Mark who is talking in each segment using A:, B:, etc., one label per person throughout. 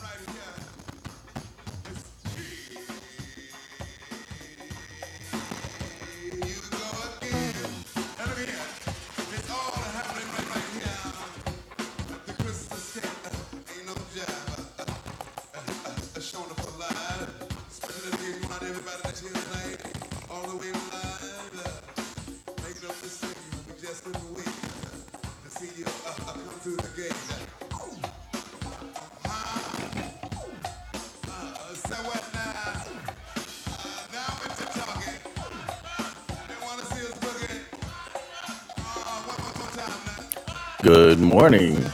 A: right right, right uh, no like. Uh, no Uh, so Uh, Uh, Good morning.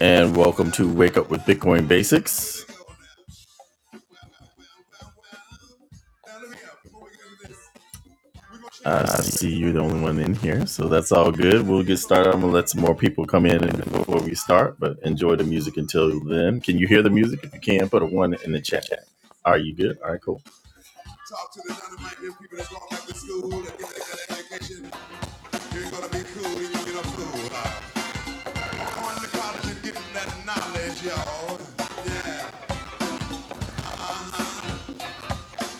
A: and welcome to Wake Up with Bitcoin Basics. Uh, I see you're the only one in here, so that's all good. We'll get started. I'm gonna let some more people come in and- before we start, but enjoy the music until then. Can you hear the music? If you can, put a one in the chat. Are you good? All right, cool. Talk to the dynamite people that's going back to school and get that education. You're gonna be cool when you get a fool. Going to college and getting that knowledge, y'all. Yeah.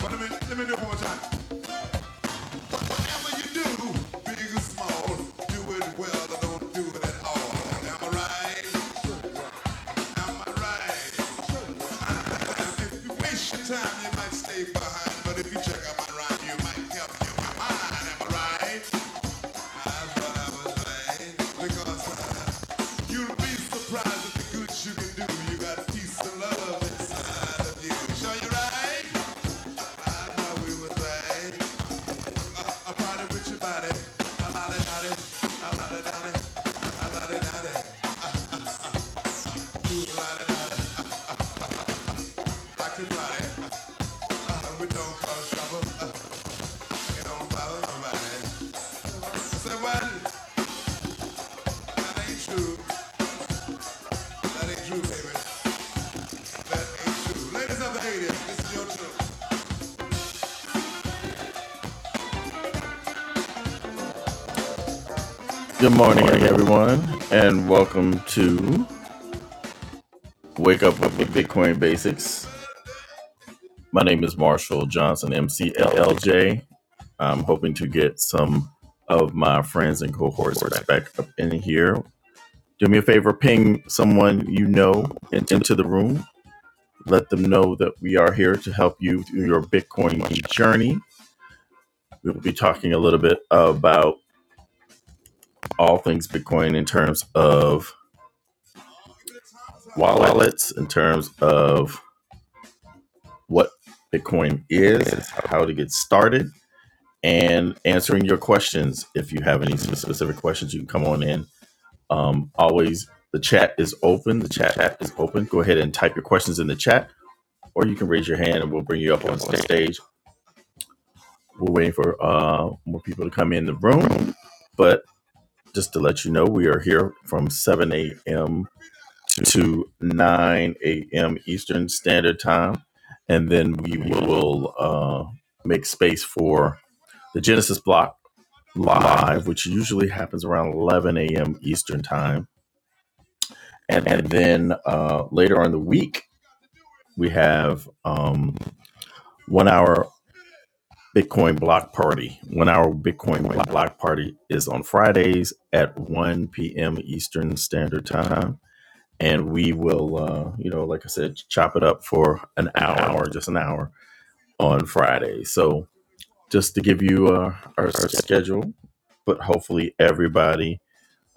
A: But let me, let me do it one more time. Whatever you do, big or small, do it well or don't do it at all. Am I right? Am I right? If you waste your time, you might stay behind. But if you check out my rhyme, you might help your mind. Am I right? That's what I was saying. Because uh, you'll be surprised at the good you can do. You got peace and love inside of you. Sure you right? I know we was right. I party with your body. I body, body. I body, body. I body, body. You ride it I can ride it. Uh, we don't cause trouble. Uh, it don't bother nobody. I said, what? That ain't true. That ain't true, baby. That ain't true. Ladies of the 80s, this is your truth. Good morning, everyone, and welcome to Wake Up with Bitcoin Basics. My name is Marshall Johnson, MCLLJ. I'm hoping to get some of my friends and cohorts back up in here. Do me a favor, ping someone you know into the room. Let them know that we are here to help you through your Bitcoin journey. We will be talking a little bit about all things Bitcoin in terms of wallets, in terms of what Bitcoin is, how to get started and answering your questions. If you have any specific questions, you can come on in. Um, always, the chat is open. The chat app is open. Go ahead and type your questions in the chat, or you can raise your hand and we'll bring you up on stage. We're waiting for uh, more people to come in the room. But just to let you know, we are here from 7 a.m. to 9 a.m. Eastern Standard Time. And then we will uh, make space for the Genesis block live, which usually happens around 11 a.m. Eastern time. And, and then uh, later on in the week, we have um, one hour Bitcoin block party. One hour Bitcoin block party is on Fridays at 1 p.m. Eastern Standard Time. And we will, uh, you know, like I said, chop it up for an hour, just an hour on Friday. So just to give you uh, our, our schedule, but hopefully everybody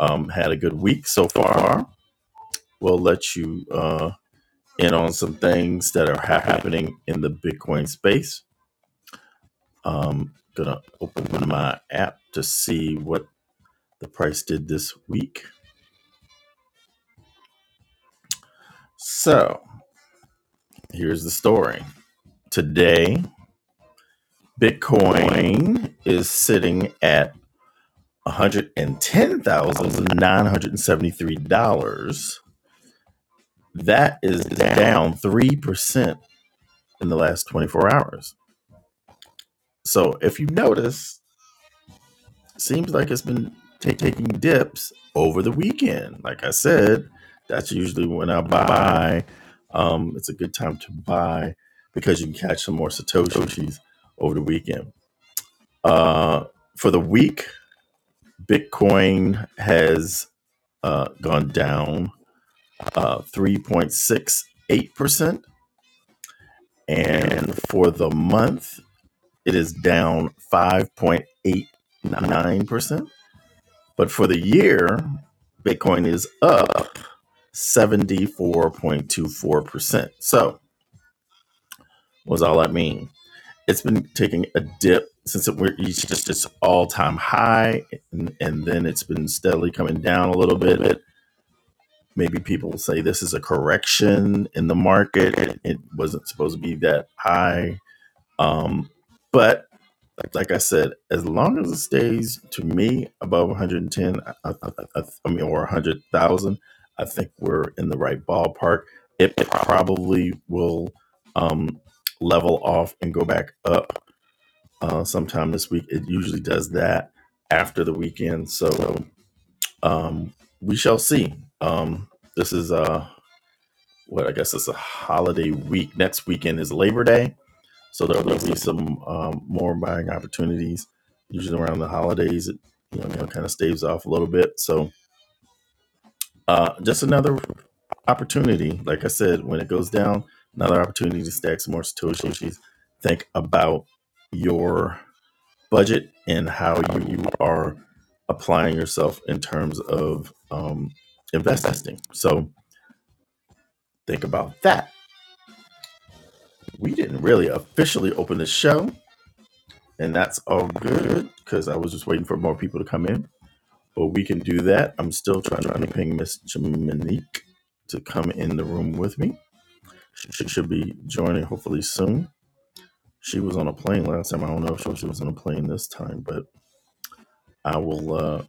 A: um, had a good week so far. We'll let you uh, in on some things that are ha- happening in the Bitcoin space. Um, gonna open my app to see what the price did this week. So here's the story. Today, Bitcoin is sitting at $110,973. That is down 3% in the last 24 hours. So if you notice, Seems like it's been ta- taking dips over the weekend. Like I said, that's usually when I buy. Um, it's a good time to buy because you can catch some more satoshis over the weekend. Uh, for the week, Bitcoin has uh, gone down uh, 3.68%. And for the month, it is down 5.89%. But for the year, Bitcoin is up 74.24%. So, what does all that mean? It's been taking a dip since it reached just its all time high, and, and then it's been steadily coming down a little bit. Maybe people will say this is a correction in the market. It wasn't supposed to be that high Um, but like, like I said, as long as it stays to me above 110, I, I, I, I mean, or 100,000, I think we're in the right ballpark. It it probably will um, level off and go back up uh, sometime this week. It usually does that after the weekend. So um, we shall see. Um, this is uh, what I guess it's a holiday week. Next weekend is Labor Day so there will be some um, more buying opportunities, usually around the holidays. It you know, you know kind of staves off a little bit. So uh, just another opportunity. Like I said, when it goes down, another opportunity to stack some more satoshis. Think about your budget and how you are applying yourself in terms of um, investing. So think about that. We didn't really officially open the show. and that's all good because I was just waiting for more people to come in. But we can do that. I'm still trying trying to ping Miss Jaminique to come in the room with me. She should be joining hopefully soon. She was on a plane last time. I don't know if she was on a plane this time, but I will uh,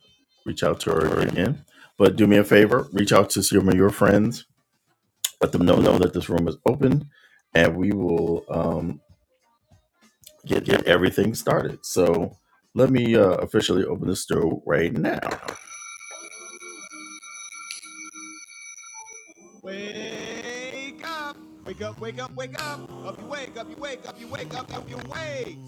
A: reach out to her again. But do me a favor, reach out to some of your friends. Let them know, know that this room is open, and we will um, get get everything started. So let me uh, officially open the store right now. Wake up! Wake up, wake up, wake up! Up you wake, up you wake, up you wake, up, up you wake!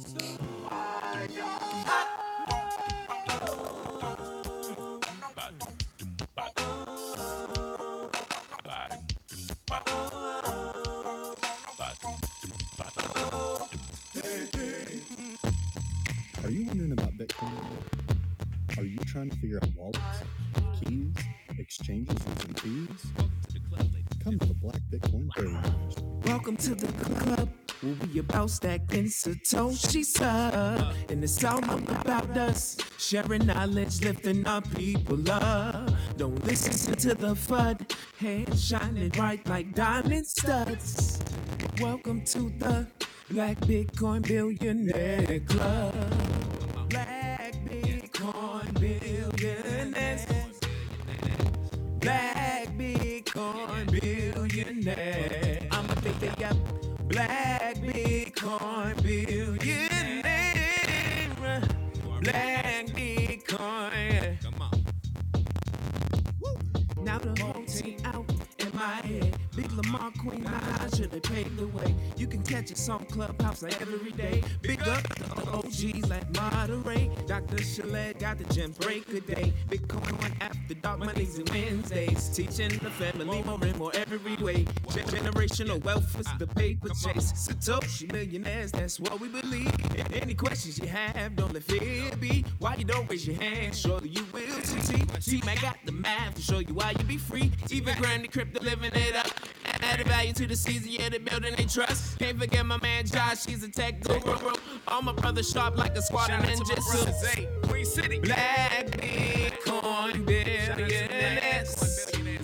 A: Welcome to the club. We'll Where we about stacking Satoshi's up. And it's all about us. Sharing knowledge, lifting our people up. Don't listen to the FUD. Hands shining bright like diamond studs. Welcome to the Black Bitcoin Billionaire Club. Black Bitcoin billionaires. Black Bitcoin billionaires. I'ma think they got Black Bitcoin billionaires. Black Bitcoin. Come on. Now the whole team out in my head. Big Lamar Queen, I should have paved the way. You can catch us on Clubhouse like every day. Big up the OGs like Monterey. Dr. Chalet got the gym break a day. Big Bitcoin after dark Mondays and Wednesdays. Teaching the family more and more every way. Generational wealth is the paper chase. Satoshi millionaires, that's what we believe. Any questions you have, don't let fear be be, why you don't raise your hand. Surely you will succeed. See, man got the math to show you why you be free. Even Granny Crypto living it up. Added value to the season, yeah, they building they trust. Can't forget my man Josh, he's a tech guru. All my brothers sharp like a squad of ninjas. Queen City. Black Bitcoin billionaires.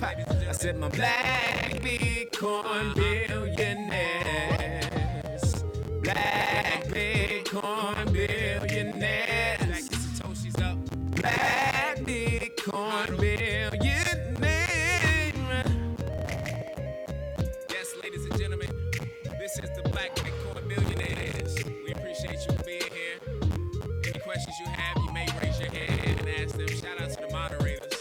A: I said my black Bitcoin billionaires. Black Bitcoin billionaires. Like this Satoshi's up. Black Bitcoin billionaires. Yes, ladies and gentlemen, this is the Black Bitcoin billionaires. We appreciate you being here. Any questions you have, you may raise your hand and ask them. Shout out to the moderators.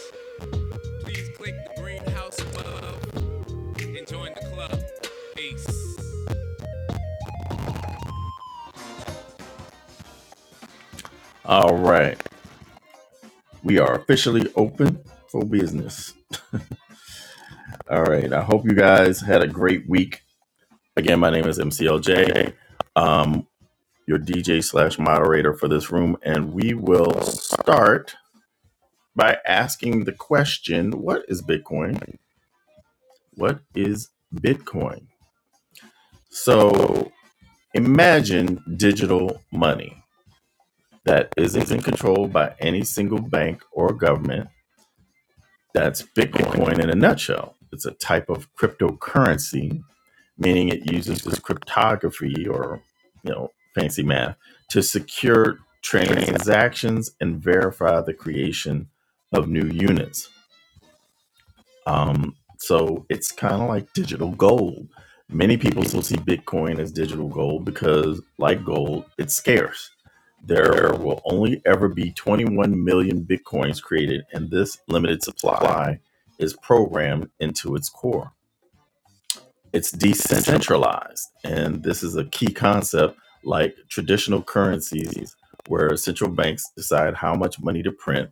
A: Please click the greenhouse above and join the club. Peace. All right. We are officially open for business. All right. I hope you guys had a great week. Again, my name is MCLJ, um, your DJ slash moderator for this room, and we will start by asking the question: What is Bitcoin? What is Bitcoin? So imagine digital money that isn't controlled by any single bank or government That's Bitcoin in a nutshell. It's a type of cryptocurrency, meaning it uses this cryptography or, you know, fancy math to secure transactions and verify the creation of new units. Um, so it's kind of like digital gold. Many people still see Bitcoin as digital gold because, like gold, it's scarce. There will only ever be 21 million Bitcoins created, and this limited supply is programmed into its core it's decentralized and this is a key concept like traditional currencies where central banks decide how much money to print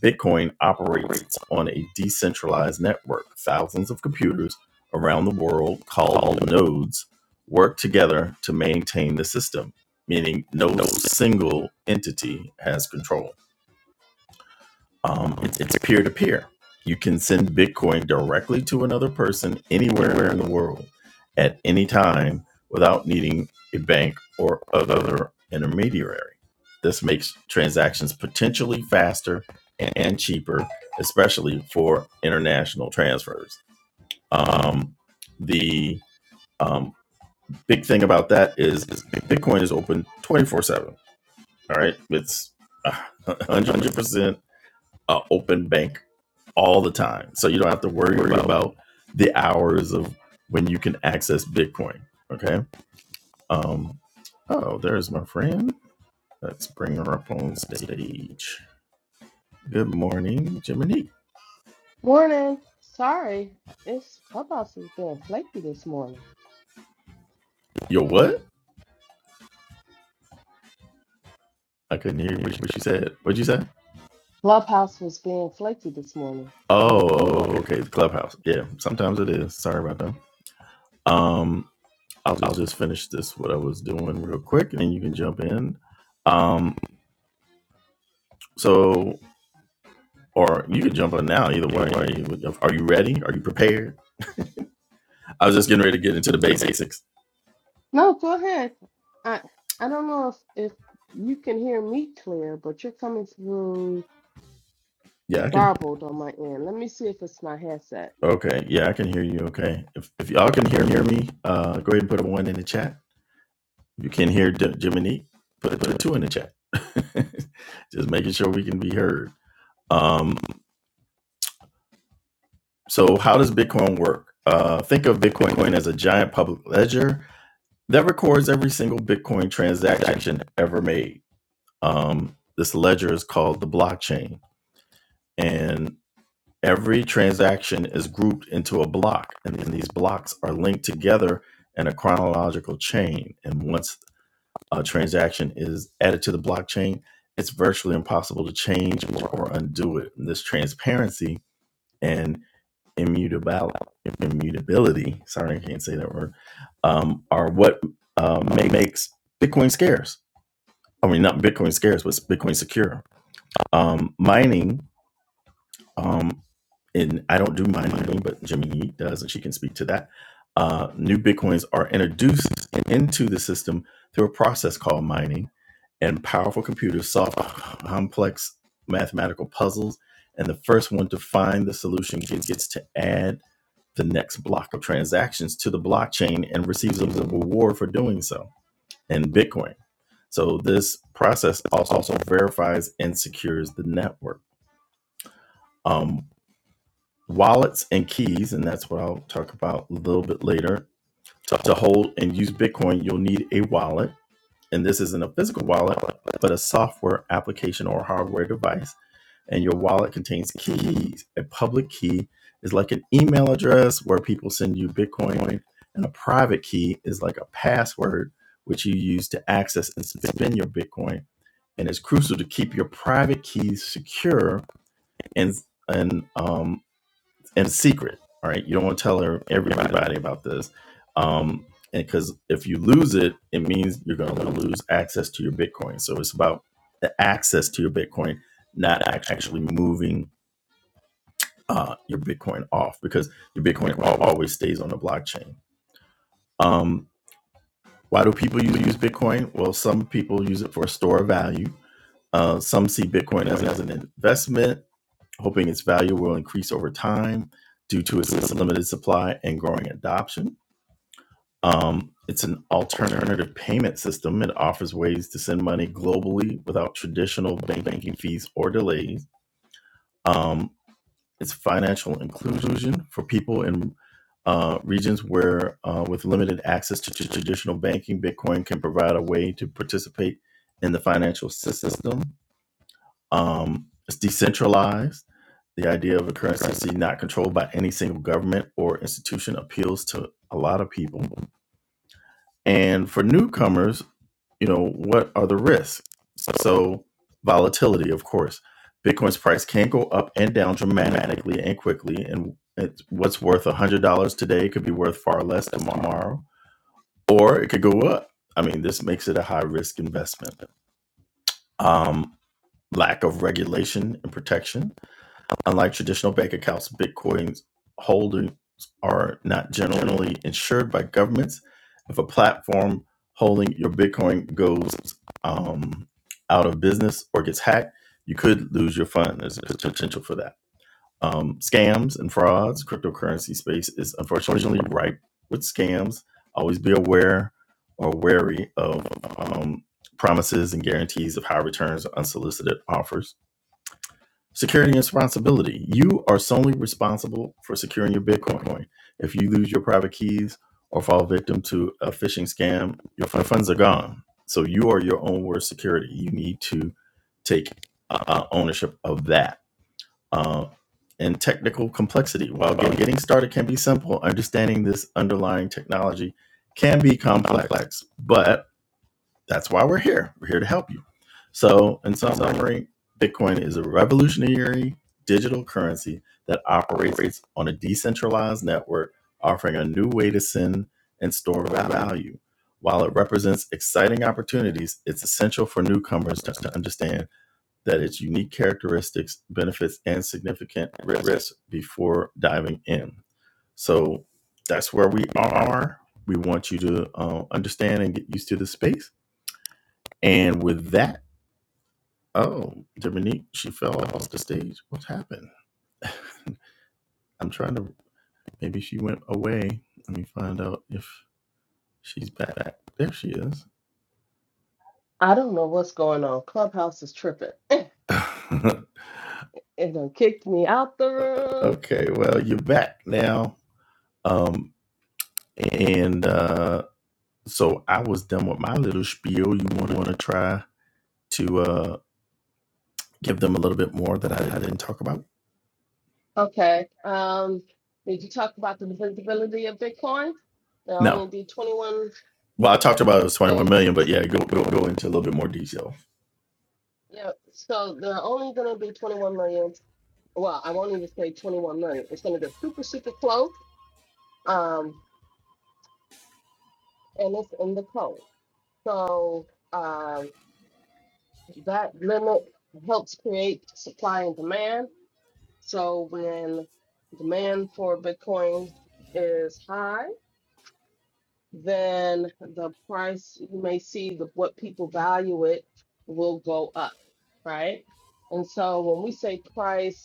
A: bitcoin operates on a decentralized network thousands of computers around the world called nodes work together to maintain the system meaning no single entity has control um, it's it's peer to peer. You can send Bitcoin directly to another person anywhere in the world at any time without needing a bank or other intermediary. This makes transactions potentially faster and cheaper, especially for international transfers. Um, the um, big thing about that is, is Bitcoin is open 24 7. All right. It's uh, 100% uh, open bank all the time. So you don't have to worry about, about the hours of when you can access Bitcoin. Okay. Um, oh, there's my friend. Let's bring her up on stage. Good morning, Jiminy.
B: Morning. Sorry, it's Clubhouse was being flaky this morning.
A: Yo, what? I couldn't hear you. What you said? What'd you say?
B: Clubhouse was being flaky this morning in my
A: Oh,
B: earbud.
A: oh, okay. The clubhouse. Yeah, sometimes it is. Sorry about that. Um, I'll, I'll just finish this what I was doing real quick, and then you can jump in. Um, so or you can jump on now. Either way, are you, are you ready? Are you prepared? I was just getting ready to get into the basics.
B: No, go ahead. I I don't know if if you can hear me clear, but you're coming through
A: Yeah, I can.
B: garbled on my end. Let me see if it's my headset.
A: Okay, yeah, I can hear you. Okay, if, if y'all can hear hear me, uh, go ahead and put a one in the chat. If you can hear J- Jiminy, put put a two in the chat. just making sure we can be heard. Um, so how does Bitcoin work? Uh, think of Bitcoin coin as a giant public ledger that records every single Bitcoin transaction ever made. Um, this ledger is called the blockchain and Every transaction is grouped into a block, and then these blocks are linked together in a chronological chain. And once a transaction is added to the blockchain, it's virtually impossible to change or, undo it. And this transparency and immutability, sorry, I can't say that word, um, are what uh, makes Bitcoin scarce. I mean, not Bitcoin scarce, but Bitcoin secure. Um, mining Um, and I don't do mine, mining, but Jimmy Yee does, and she can speak to that. Uh, new Bitcoins are introduced into the system through a process called mining, and powerful computers solve complex mathematical puzzles. And the first one to find the solution gets to add the next block of transactions to the blockchain and receives a reward for doing so in Bitcoin. So this process also verifies and secures the network. Um, wallets and keys, and that's what I'll talk about a little bit later. To hold and use Bitcoin, you'll need a wallet. And this isn't a physical wallet, but a software application or hardware device. And your wallet contains keys. A public key is like an email address where people send you Bitcoin, and a private key is like a password which you use to access and spend your Bitcoin. And it's crucial to keep your private keys secure and and um, and it's secret. All right, you don't want to tell everybody about this, um, and because if you lose it, it means you're going to lose access to your Bitcoin. So it's about the access to your Bitcoin, not actually moving uh, your Bitcoin off, because your Bitcoin always stays on the blockchain. Um, why do people use Bitcoin? Well, some people use it for a store of value. Uh, some see Bitcoin as, as an investment, hoping its value will increase over time due to its limited supply and growing adoption. Um, it's an alternative payment system. It offers ways to send money globally without traditional bank banking fees or delays. Um, it's financial inclusion for people in uh, regions where, uh, with limited access to tr- traditional banking, Bitcoin can provide a way to participate in the financial system. Um, it's decentralized. The idea of a currency not controlled by any single government or institution appeals to a lot of people and for newcomers, you know, what are the risks? So, volatility, of course. Bitcoin's price can go up and down dramatically and quickly. And it's, what's worth $100 today could be worth far less tomorrow, or it could go up. I mean, this makes it a high risk investment. Um, lack of regulation and protection Unlike traditional bank accounts, Bitcoin holders are not generally insured by governments. If a platform holding your Bitcoin goes um, out of business or gets hacked, you could lose your fund. There's a potential for that. Um, scams and frauds. Cryptocurrency space is unfortunately ripe with scams. Always be aware or wary of um, promises and guarantees of high returns or unsolicited offers Security and responsibility. You are solely responsible for securing your Bitcoin. If you lose your private keys or fall victim to a phishing scam, your funds are gone. So you are your own worst security. You need to take uh, uh, ownership of that. Uh, and technical complexity. While getting started can be simple, understanding this underlying technology can be complex, but that's why we're here. We're here to help you. So, in summary, Bitcoin is a revolutionary digital currency that operates on a decentralized network, offering a new way to send and store value. While it represents exciting opportunities, it's essential for newcomers to to understand that its unique characteristics, benefits, and significant risks before diving in. So, that's where we are. We want you to uh, understand and get used to the space and with that, oh, Dominique, she fell off the stage. What happened? I'm trying to, maybe she went away. Let me find out if she's back. There she is.
B: I don't know what's going on. Clubhouse is tripping. It done kicked me out the room.
A: okay, well, you're back now. Um, and uh, so I was done with my little spiel. You want to want to try to uh, give them a little bit more that I, I didn't talk about?
B: Okay. Um, did you talk about the visibility of Bitcoin? They
A: No.
B: only do 21
A: Well, I talked about it was 21 million, but
B: codes
A: yeah, go, go, go into a little bit more detail.
B: Yeah, so there are only going to be 21 million. Well, I won't even say 21 million. It's going to be super, super close. Um, and it's in the code. So um, that limit helps create supply and demand. So when demand for Bitcoin is high, then the price you may see the, what people value it will go up, right? And so when we say price,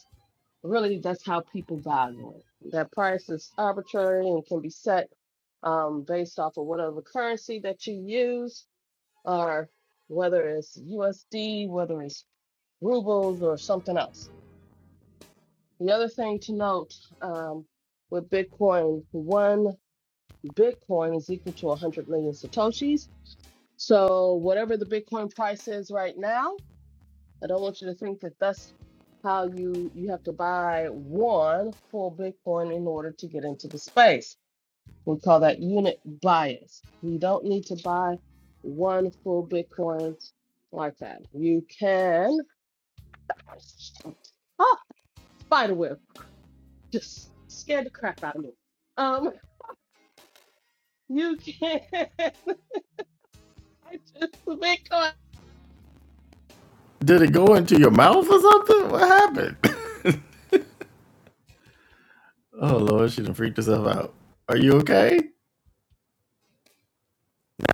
B: really that's how people value it. That price is arbitrary and can be set um, based off of whatever currency that you use, or whether it's USD, whether it's rubles, or something else. The other thing to note um, with Bitcoin, one Bitcoin is equal to 100 million Satoshis. So, whatever the Bitcoin price is right now, I don't want you to think that that's how you you have to buy one full Bitcoin in order to get into the space. We call that unit bias. You don't need to buy one full Bitcoin like that. You can ah spider web just scared the crap out of me. Um, you can buy just the Bitcoin.
A: Did it go into your mouth or something? What happened? Oh Lord, she done freaked herself out. Are you okay?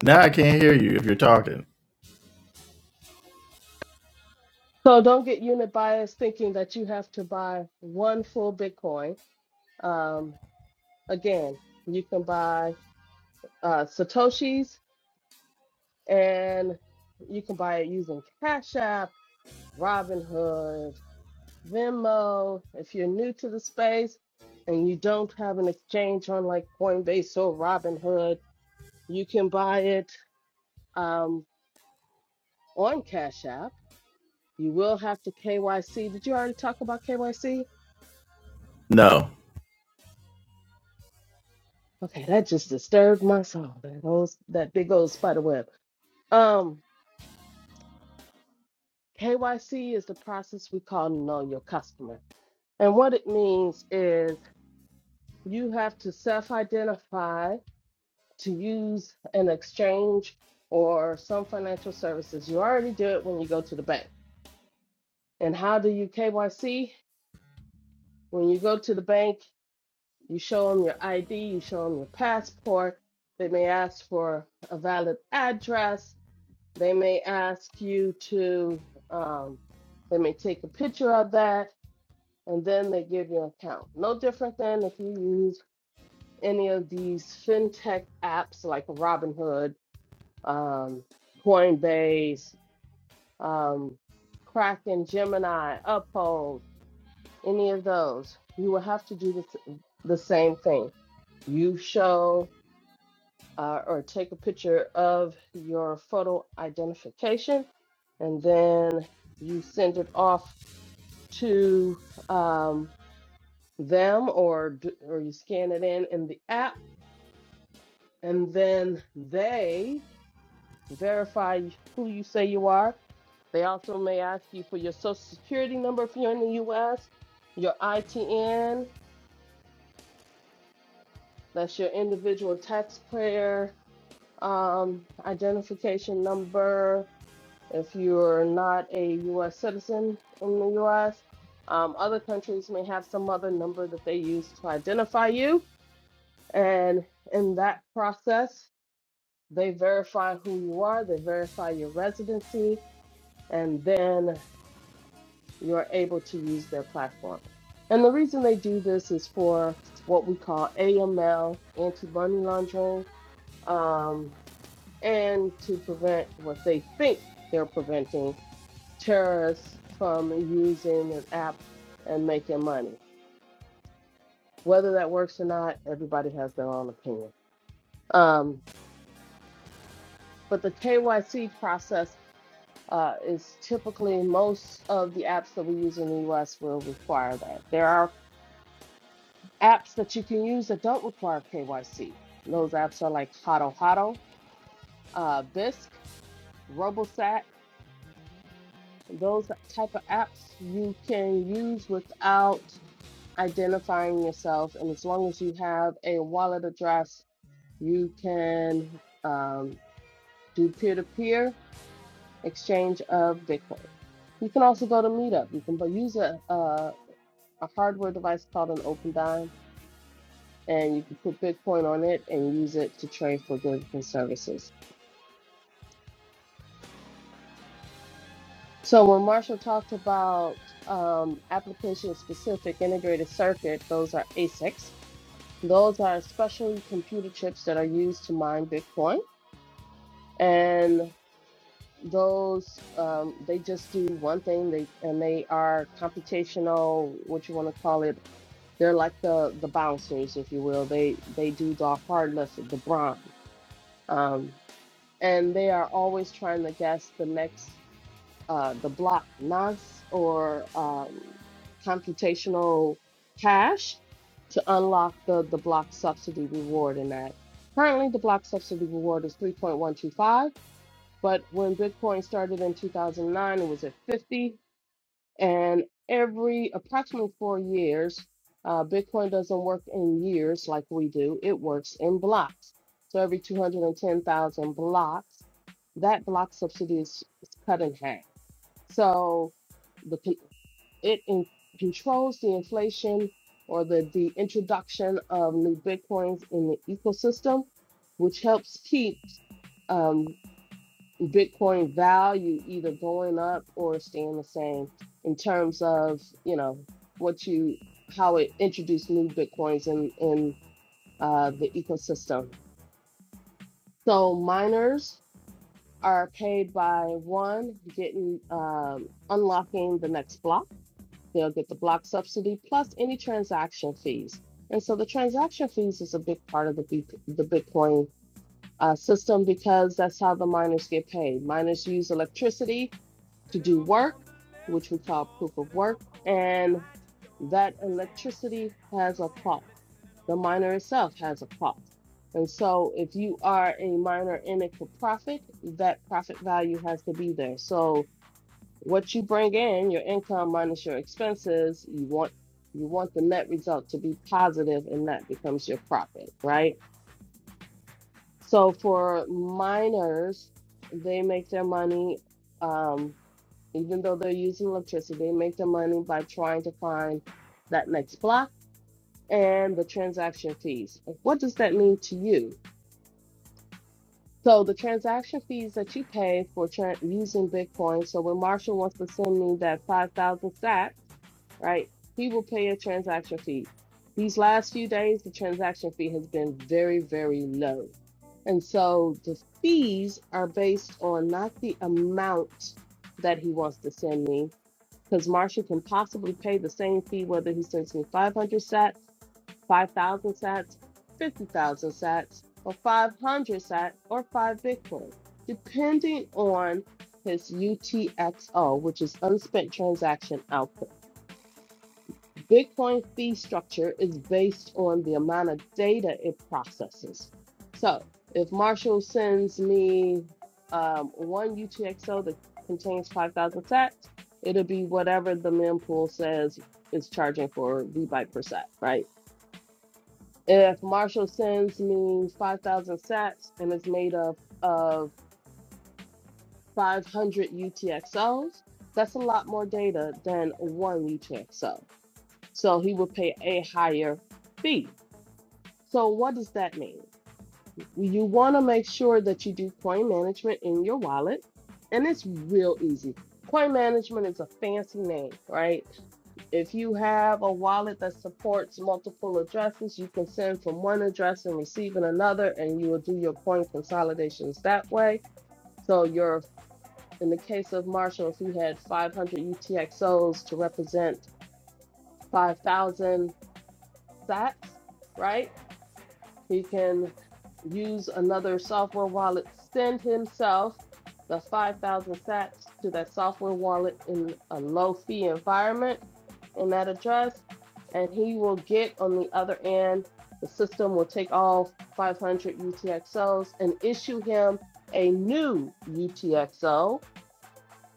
A: Now I can't hear you if you're talking.
B: So don't get unit bias thinking that you have to buy one full Bitcoin. Um, Again, you can buy uh, Satoshis and you can buy it using Cash App, Robinhood, Venmo. If you're new to the space and you don't have an exchange on like Coinbase or Robinhood, you can buy it um, on Cash App. You will have to KYC. Did you already talk about KYC?
A: No.
B: Okay, that just disturbed my soul. That old, that big old spider web. Um, KYC is the process we call know your customer. And what it means is you have to self identify to use an exchange or some financial services. You already do it when you go to the bank. And how do you KYC? When you go to the bank, you show them your ID, you show them your passport. They may ask for a valid address. They may ask you to, um, they may take a picture of that and then they give you an account. No different than if you use any of these fintech apps like Robinhood, um, Coinbase, um, Kraken, Gemini, Uphold, any of those. You will have to do the, s- the same thing. You show uh, or take a picture of your photo identification, and then you send it off to um, them or d- or you scan it in in the app and then they verify who you say you are they also may ask you for your social security number if you're in the US your ITN that's your individual taxpayer um, identification number if you're not a US citizen in the US um, other countries may have some other number that they use to identify you and in that process They verify who you are, they verify your residency, and then you're able to use their platform. And the reason they do this is for what we call AML, anti money laundering, um, and to prevent what they think they're preventing terrorists from using an app and making money. Whether that works or not, everybody has their own opinion. Um, but the KYC process uh, is typically most of the apps that we use in the US will require that. There are apps that you can use that don't require KYC. Those apps are like Hado Hado, uh, Bisc, Robosat. Those type of apps you can use without identifying yourself. And as long as you have a wallet address, you can um, do peer to peer exchange of Bitcoin. You can also go to Meetup. You can bu- use a, a a hardware device called an OpenDime, and you can put Bitcoin on it and use it to trade for goods and services. So when Marshall talked about um, application-specific integrated circuit, those are ASICs. Those are specially computer chips that are used to mine Bitcoin, and those um, they just do one thing. They and they are computational, what you want to call it. They're like the the bouncers, if you will. They they do the hard less the brawn. Um, and they are always trying to guess the next uh, the block NAS or um, computational hash to unlock the the block subsidy reward in that. Currently, the block subsidy reward is 3.125, but when Bitcoin started in 2009, it was at 50. And every approximately four years, uh, Bitcoin doesn't work in years like we do, it works in blocks. So every 210,000 blocks, that block subsidy is, is cut in half. So the con- it in, controls the inflation or the, the introduction of new Bitcoins in the ecosystem, which helps keep um, Bitcoin value either going up or staying the same in terms of, you know, what you how it introduced new Bitcoins in in uh, the ecosystem. So miners are paid by one getting um, unlocking the next block. They'll get the block subsidy plus any transaction fees. And so the transaction fees is a big part of the Bit- the Bitcoin uh, system because that's how the miners get paid. Miners use electricity to do work, which we call proof of work, and that electricity has a cost. The miner itself has a cost. And so if you are a miner in it for profit, that profit value has to be there. So what you bring in, your income minus your expenses, you want you want the net result to be positive and that becomes your profit, right? So for miners, they make their money um, even though they're using electricity, they make their money by trying to find that next block and the transaction fees. Like, What does that mean to you? So the transaction fees that you pay for tra- using Bitcoin. So when Marshall wants to send me that 5,000 sat, right? He will pay a transaction fee. These last few days, the transaction fee has been very, very low. And so the fees are based on not the amount that he wants to send me, because Marcia can possibly pay the same fee whether he sends me 500 sats, 5,000 sats, 50,000 sats, or 500 sats, or 5 Bitcoin, depending on his UTXO, which is unspent transaction output. Bitcoin fee structure is based on the amount of data it processes. So if Marshall sends me um, one UTXO that contains 5,000 sats, it'll be whatever the mempool says is charging for byte per sat, right? If Marshall sends me 5,000 sats and it's made up of 500 UTXOs, that's a lot more data than one UTXO. So he would pay a higher fee So what does that mean? You want to make sure that you do coin management in your wallet, and it's real easy. Coin management is a fancy name, right? If you have a wallet that supports multiple addresses, you can send from one address and receive in another, and you will do your coin consolidations that way. So your in the case of Marshall, if he had 500 UTXOs to represent 5,000 sats, right? He can use another software wallet, send himself the 5,000 sats to that software wallet in a low fee environment in that address, and he will get on the other end. The system will take all 500 UTXOs and issue him a new UTXO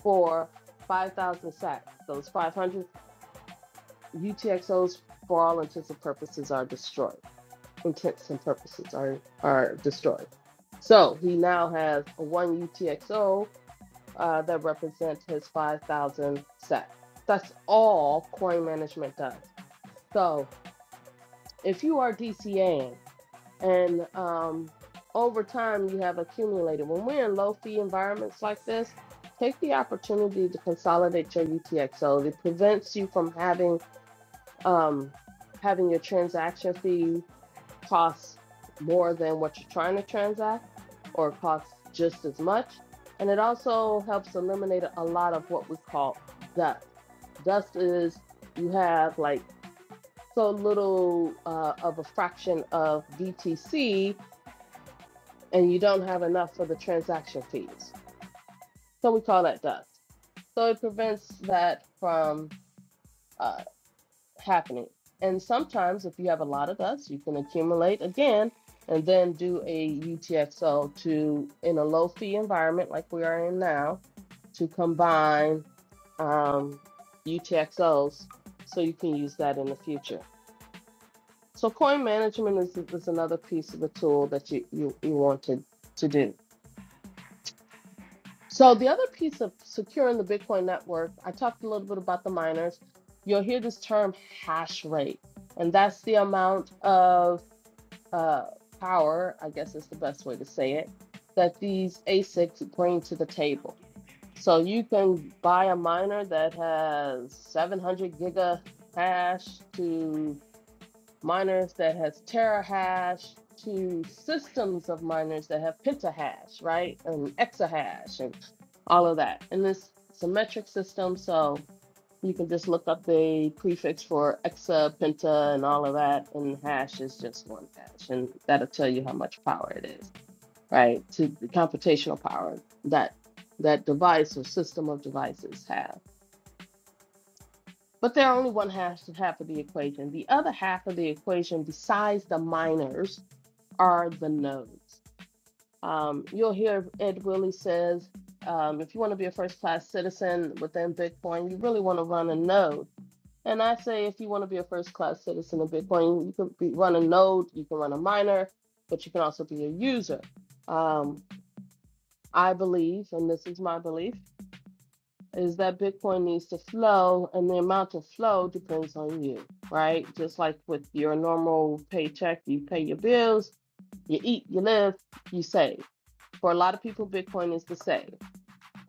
B: for 5,000 sats. Those 500 UTXOs, for all intents and purposes, are destroyed intents and purposes are are destroyed. So he now has a one UTXO uh, that represents his 5,000 SEC. That's all coin management does. So if you are DCAing and um, over time you have accumulated, when we're in low fee environments like this, take the opportunity to consolidate your UTXO. It prevents you from having um, having your transaction fee costs more than what you're trying to transact or costs just as much. And it also helps eliminate a lot of what we call dust. Dust is you have like so little uh, of a fraction of BTC, and you don't have enough for the transaction fees. So we call that dust. So it prevents that from uh, happening. And sometimes, if you have a lot of dust, you can accumulate again and then do a UTXO to, in a low fee environment like we are in now, to combine um, UTXOs so you can use that in the future. So, coin management is, is another piece of the tool that you, you, you want to, to do. So the other piece of securing the Bitcoin network, I talked a little bit about the miners. You'll hear this term hash rate, and that's the amount of uh, power, I guess is the best way to say it, that these ASICs bring to the table. So you can buy a miner that has 700 giga hash to miners that has terahash to systems of miners that have pentahash, right? And exahash and all of that. And this it's a metric system, so you can just look up the prefix for exa, penta, and all of that, and hash is just one hash, and that'll tell you how much power it is, right? To the computational power that that device or system of devices have. But they're only one half half of the equation. The other half of the equation, besides the miners, are the nodes. Um, you'll hear Ed Willie says, um, if you want to be a first class citizen within Bitcoin, you really want to run a node. And I say, if you want to be a first class citizen of Bitcoin, you can be, run a node, you can run a miner, but you can also be a user. Um, I believe, and this is my belief, is that Bitcoin needs to flow, and the amount of flow depends on you, right? Just like with your normal paycheck, you pay your bills, you eat, you live, you save. For a lot of people, Bitcoin is the same.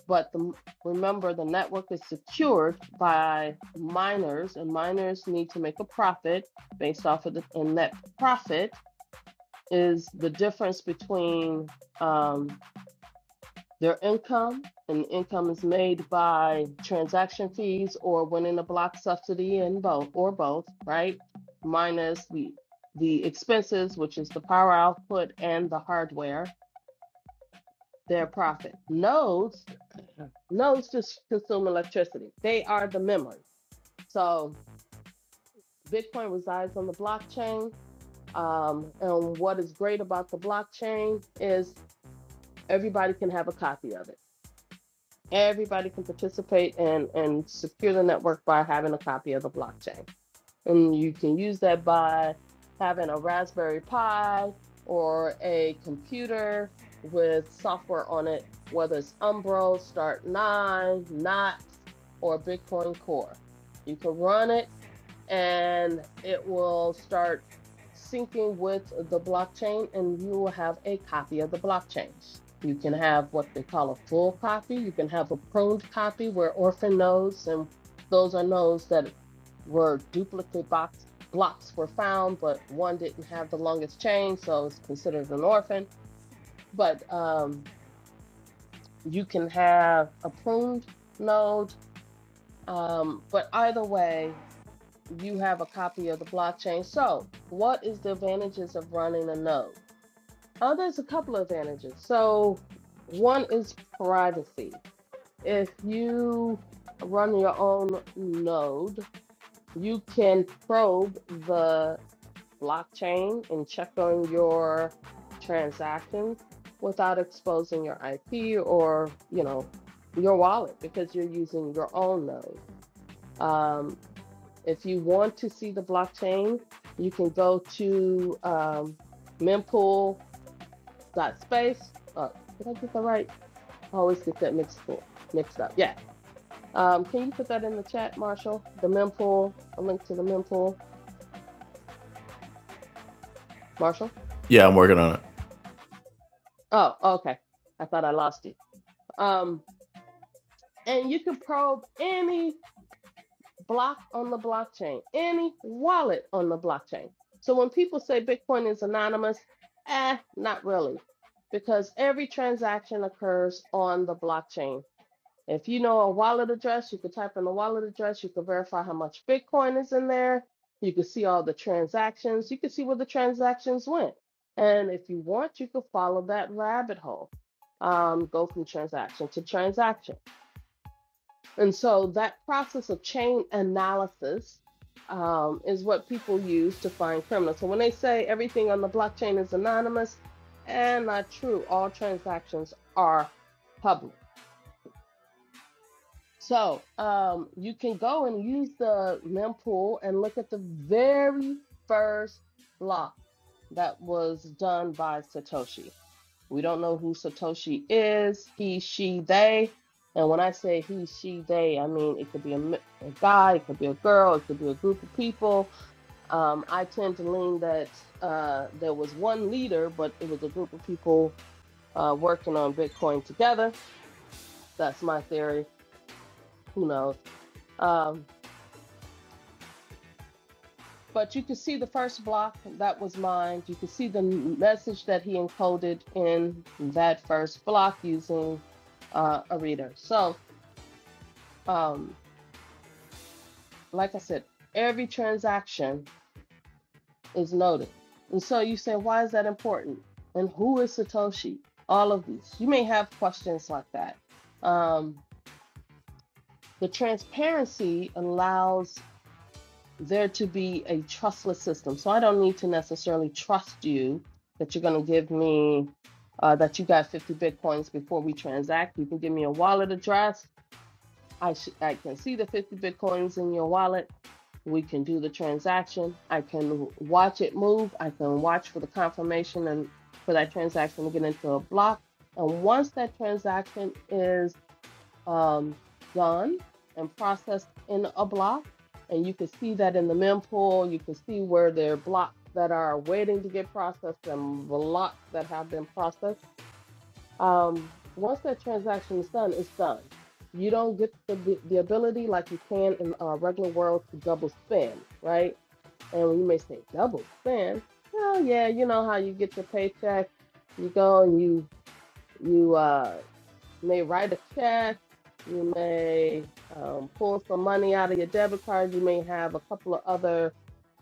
B: But the, remember, the network is secured by miners, and miners need to make a profit based off of the, and that profit is the difference between um, their income, and income is made by transaction fees or winning a block subsidy and both, or both, right? Minus the the expenses, which is the power output and the hardware, their profit. Nodes Nodes just consume electricity. They are the memory. So Bitcoin resides on the blockchain. Um, and what is great about the blockchain is everybody can have a copy of it. Everybody can participate and, and secure the network by having a copy of the blockchain. And you can use that by having a Raspberry Pi or a computer with software on it, whether it's Umbro, Start9, Knox, or Bitcoin Core. You can run it and it will start syncing with the blockchain and you will have a copy of the blockchain. You can have what they call a full copy. You can have a pruned copy where orphan nodes and those are nodes that were duplicate box, blocks were found, but one didn't have the longest chain, so it's considered an orphan. But um, you can have a pruned node. Um, but either way, you have a copy of the blockchain. So, what is the advantages of running a node? Oh, there's a couple of advantages. So, one is privacy. If you run your own node, you can probe the blockchain and check on your transactions without exposing your IP or, you know, your wallet because you're using your own node. Um, if you want to see the blockchain, you can go to um, mempool.space. Uh, did I get that right? I always get that mixed up. Mixed up. Yeah. Um, can you put that in the chat, Marshall? The mempool, a link to the mempool, Marshall.
A: Yeah, I'm working on it.
B: Oh, okay. I thought I lost you. Um, and you can probe any block on the blockchain, any wallet on the blockchain. So when people say Bitcoin is anonymous, eh, not really, because every transaction occurs on the blockchain. If you know a wallet address, you can type in the wallet address, you can verify how much Bitcoin is in there, you can see all the transactions, you can see where the transactions went. And if you want, you can follow that rabbit hole. Um, go from transaction to transaction. And so that process of chain analysis um, is what people use to find criminals. So when they say everything on the blockchain is anonymous, and not true, all transactions are public. So um, you can go and use the mempool and look at the very first block that was done by Satoshi. We don't know who Satoshi is, he, she, they. And when I say he, she, they, I mean it could be a, m- a guy, it could be a girl, it could be a group of people. Um, I tend to lean that uh, there was one leader, but it was a group of people uh, working on Bitcoin together. That's my theory. Who knows? Um, but you could see the first block that was mined. You could see the m- message that he encoded in that first block using uh, a reader. So um, like I said, every transaction is noted, And so you say, why is that important? And who is Satoshi? All of these. You may have questions like that. Um, the transparency allows there to be a trustless system. So I don't need to necessarily trust you that you're going to give me uh, that you got 50 bitcoins before we transact. You can give me a wallet address. I, sh- I can see the 50 bitcoins in your wallet we can do the transaction. I can watch it move. I can watch for the confirmation and for that transaction to get into a block. And once that transaction is um, done and processed in a block, and you can see that in the mempool, you can see where there are blocks that are waiting to get processed and blocks that have been processed. Um, once that transaction is done, it's done. You don't get the, the ability like you can in our regular world to double spend, right? And when you may say double spend. Well, yeah, you know how you get your paycheck, you go and you you uh may write a check, you may um, pull some money out of your debit card, you may have a couple of other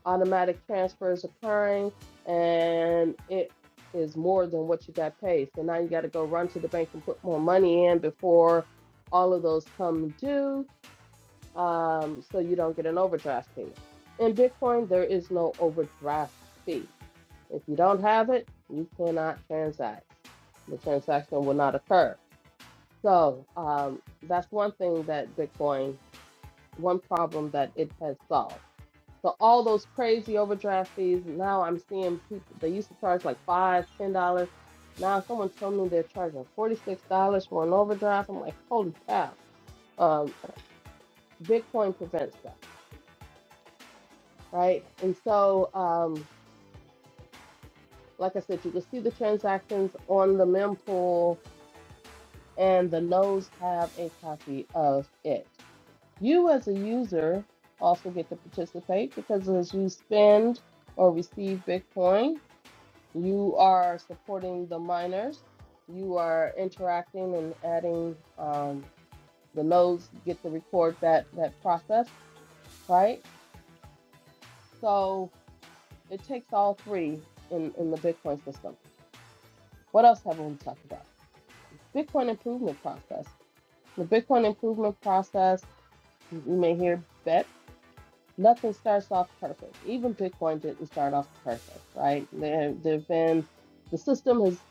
B: automatic transfers occurring, and it is more than what you got paid. So now you got to go run to the bank and put more money in before all of those come due um, so you don't get an overdraft fee. In Bitcoin, there is no overdraft fee. If you don't have it, you cannot transact. The transaction will not occur. So um, that's one thing that Bitcoin, one problem that it has solved. So all those crazy overdraft fees, now I'm seeing people, they used to charge like five, ten dollars. Now someone told me they're charging $46 for an overdraft. I'm like, holy cow. Um, Bitcoin prevents that. right? And so, um, like I said, you can see the transactions on the mempool, and the nodes have a copy of it. You, as a user, also get to participate because as you spend or receive Bitcoin, you are supporting the miners. You are interacting and adding. Um, the nodes get to record that that process, right? So it takes all three in in the Bitcoin system. What else haven't we talked about? Bitcoin improvement process. The Bitcoin improvement process, you may hear bet, nothing starts off perfect. Even Bitcoin didn't start off perfect, right? There there've been the system has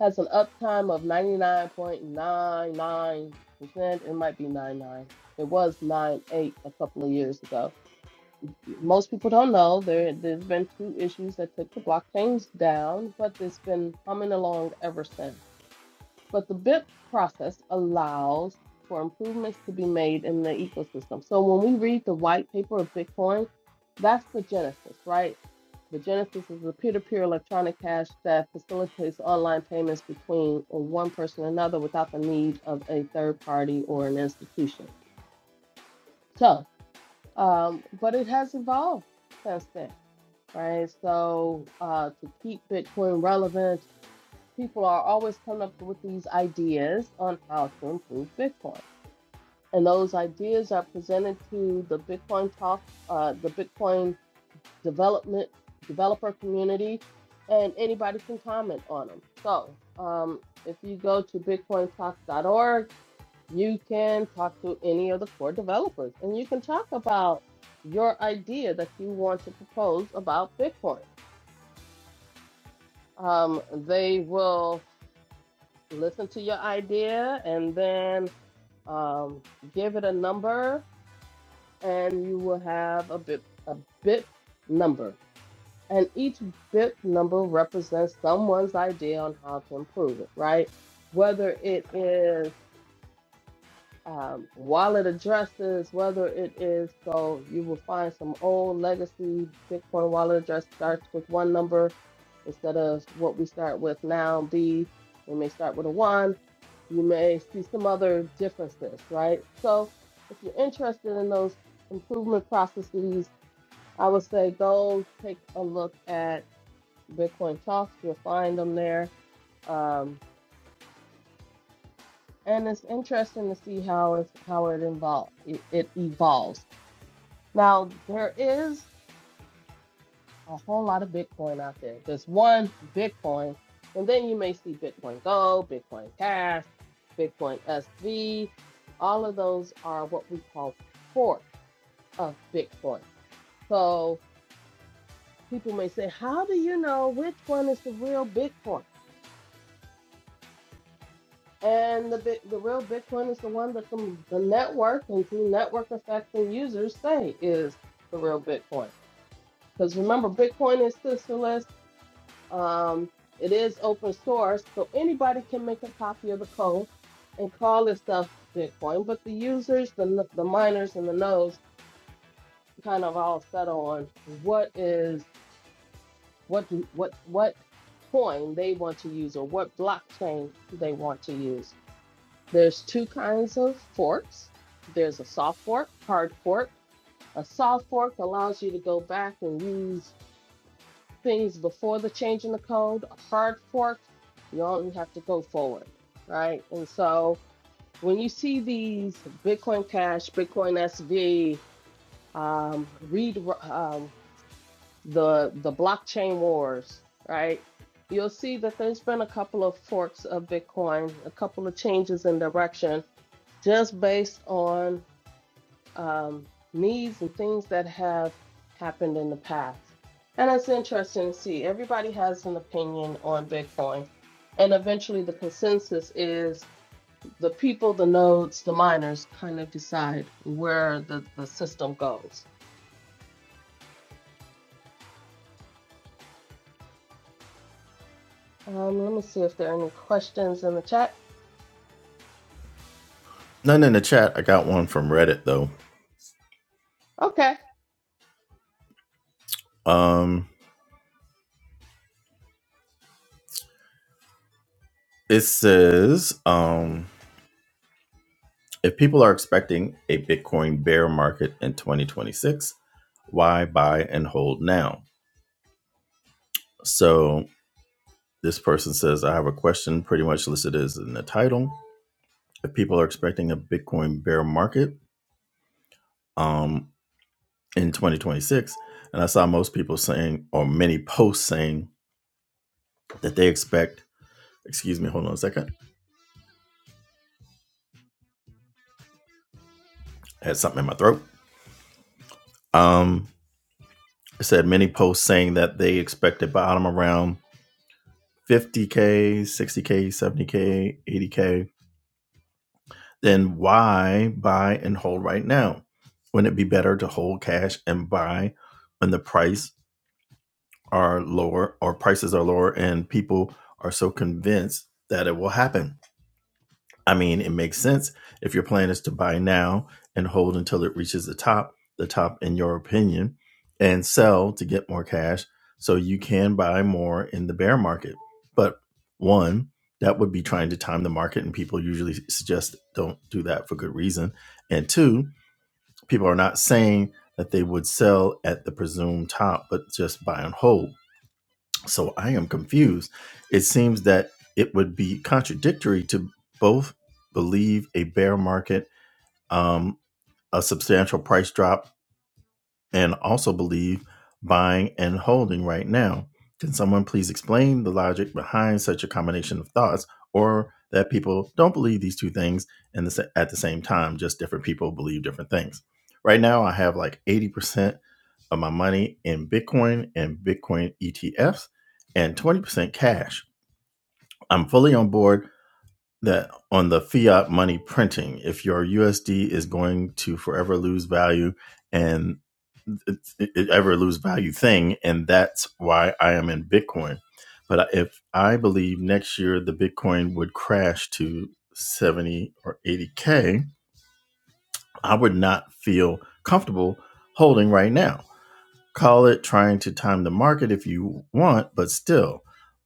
B: has an uptime of 99.99%. It might be 99. It was 98 a couple of years ago. Most people don't know there there's been two issues that took the blockchains down, but it's been humming along ever since But the BIP process allows for improvements to be made in the ecosystem. So when we read the white paper of Bitcoin, that's the genesis, right? The genesis is a peer-to-peer electronic cash that facilitates online payments between one person and another without the need of a third party or an institution. So, um, but it has evolved since then, right? So uh, to keep Bitcoin relevant people are always coming up with these ideas on how to improve Bitcoin. And those ideas are presented to the Bitcoin talk, uh, the Bitcoin development developer community, and anybody can comment on them. So um, if you go to bitcointalk.org, you can talk to any of the core developers, and you can talk about your idea that you want to propose about Bitcoin. Um, they will listen to your idea and then Um, give it a number, and you will have a bit a bit number, and each bit number represents someone's idea on how to improve it. Right? Whether it is um, wallet addresses, whether it is so you will find some old legacy Bitcoin wallet address starts with one number instead of what we start with now, B. We may start with a one. You may see some other differences, right? So if you're interested in those improvement processes, I would say go take a look at Bitcoin Talks. You'll find them there. Um, and it's interesting to see how it's how it involve it, it evolves. Now, there is a whole lot of Bitcoin out there. There's one Bitcoin, and then you may see Bitcoin Gold, Bitcoin Cash, Bitcoin SV. All of those are what we call forks of Bitcoin. So people may say, How do you know which one is the real Bitcoin? And the bit, the real Bitcoin is the one that the, the network and through network effects and users say is the real Bitcoin. Because remember, Bitcoin is sisterless. Um, it is open source, so anybody can make a copy of the code and call this stuff Bitcoin. But the users, the n- the miners, and the nodes kind of all settle on what is what do, what what coin they want to use or what blockchain they want to use. There's two kinds of forks. There's a soft fork, hard fork. A soft fork allows you to go back and use things before the change in the code, a hard fork, you only have to go forward, right? And so when you see these Bitcoin Cash, Bitcoin SV, um, read um, the the blockchain wars, right? You'll see that there's been a couple of forks of Bitcoin, a couple of changes in direction, just based on um, needs and things that have happened in the past. And it's interesting to see everybody has an opinion on Bitcoin. And eventually, the consensus is the people, the nodes, the miners kind of decide where the, the system goes. Um, let me see if there are any questions in the chat.
A: None in the chat. I got one from Reddit though.
B: Okay.
A: Um, it says, um, if people are expecting a Bitcoin bear market in 2026, why buy and hold now? So This person says, I have a question pretty much listed as in the title. If people are expecting a Bitcoin bear market um, in 2026, and I saw most people saying, or many posts saying that they expect, excuse me, hold on a second, I had something in my throat. Um, I said many posts saying that they expect a bottom around 50K, 60K, 70K, 80K. Then why buy and hold right now? Wouldn't it be better to hold cash and buy when the price are lower or prices are lower and people are so convinced that it will happen. I mean, it makes sense if your plan is to buy now and hold until it reaches the top, the top in your opinion, and sell to get more cash so you can buy more in the bear market. But one, that would be trying to time the market and people usually suggest don't do that for good reason. And two, people are not saying that they would sell at the presumed top but just buy and hold so I am confused. It seems that it would be contradictory to both believe a bear market, um, a substantial price drop and also believe buying and holding right now. Can someone please explain the logic behind such a combination of thoughts, or that people don't believe these two things and the, at the same time? Just different people believe different things. Right now, I have like 80% of my money in Bitcoin and Bitcoin ETFs and 20% cash. I'm fully on board that on the fiat money printing, if your USD is going to forever lose value and it, it ever lose value thing, and that's why I am in Bitcoin. But if I believe next year the Bitcoin would crash to 70 or 80K, I would not feel comfortable holding right now. Call it trying to time the market if you want, but still,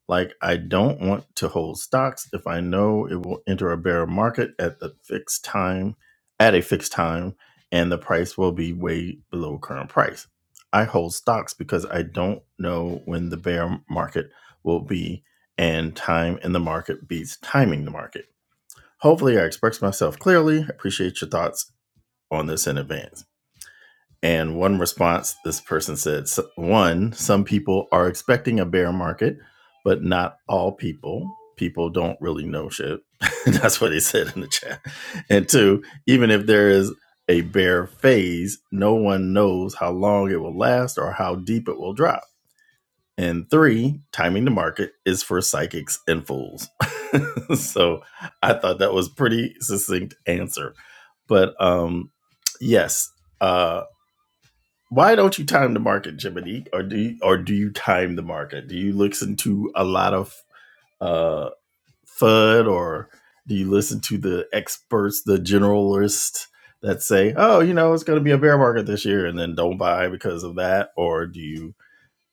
A: like I don't want to hold stocks if I know it will enter a bear market at the fixed time, at a fixed time, and the price will be way below current price. I hold stocks because I don't know when the bear market will be, and time in the market beats timing the market. Hopefully, I expressed myself clearly. Appreciate your thoughts on this in advance. And one response this person said "So, one, some people are expecting a bear market, but not all people. People don't really know shit. That's what he said in the chat. And two, even if there is a bear phase, no one knows how long it will last or how deep it will drop. And three, timing the market is for psychics and fools. so I thought that was pretty succinct answer. But um yes, uh, why don't you time the market, Jiminy? Or do you, or do you time the market? Do you listen to a lot of uh, FUD, or do you listen to the experts, the generalists that say, "Oh, you know, it's going to be a bear market this year," and then don't buy because of that? Or do you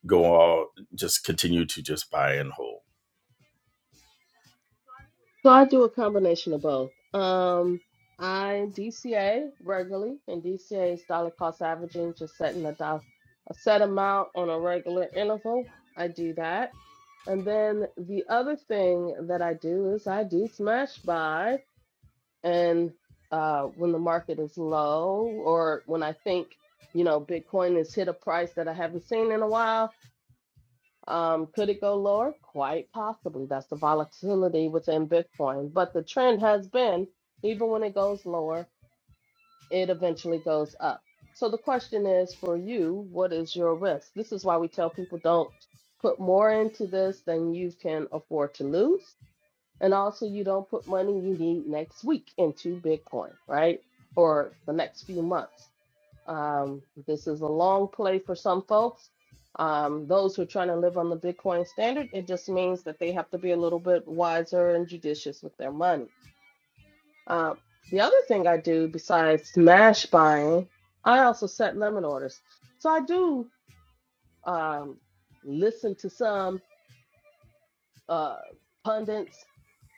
A: go all just continue to just buy and hold?
B: So I do a combination of both. Um, I DCA regularly, and DCA is dollar cost averaging, just setting a dollar, a set amount on a regular interval. I do that, and then the other thing that I do is I do smash buy, and uh, when the market is low, or when I think you know Bitcoin has hit a price that I haven't seen in a while, um, could it go lower? Quite possibly. That's the volatility within Bitcoin. But the trend has been, even when it goes lower, it eventually goes up. So the question is for you, what is your risk? This is why we tell people don't put more into this than you can afford to lose. And also, you don't put money you need next week into Bitcoin, right? Or the next few months. Um, this is a long play for some folks. Um, those who are trying to live on the Bitcoin standard, it just means that they have to be a little bit wiser and judicious with their money. Uh, the other thing I do besides smash buying, I also set limit orders. So I do um, listen to some uh, pundits,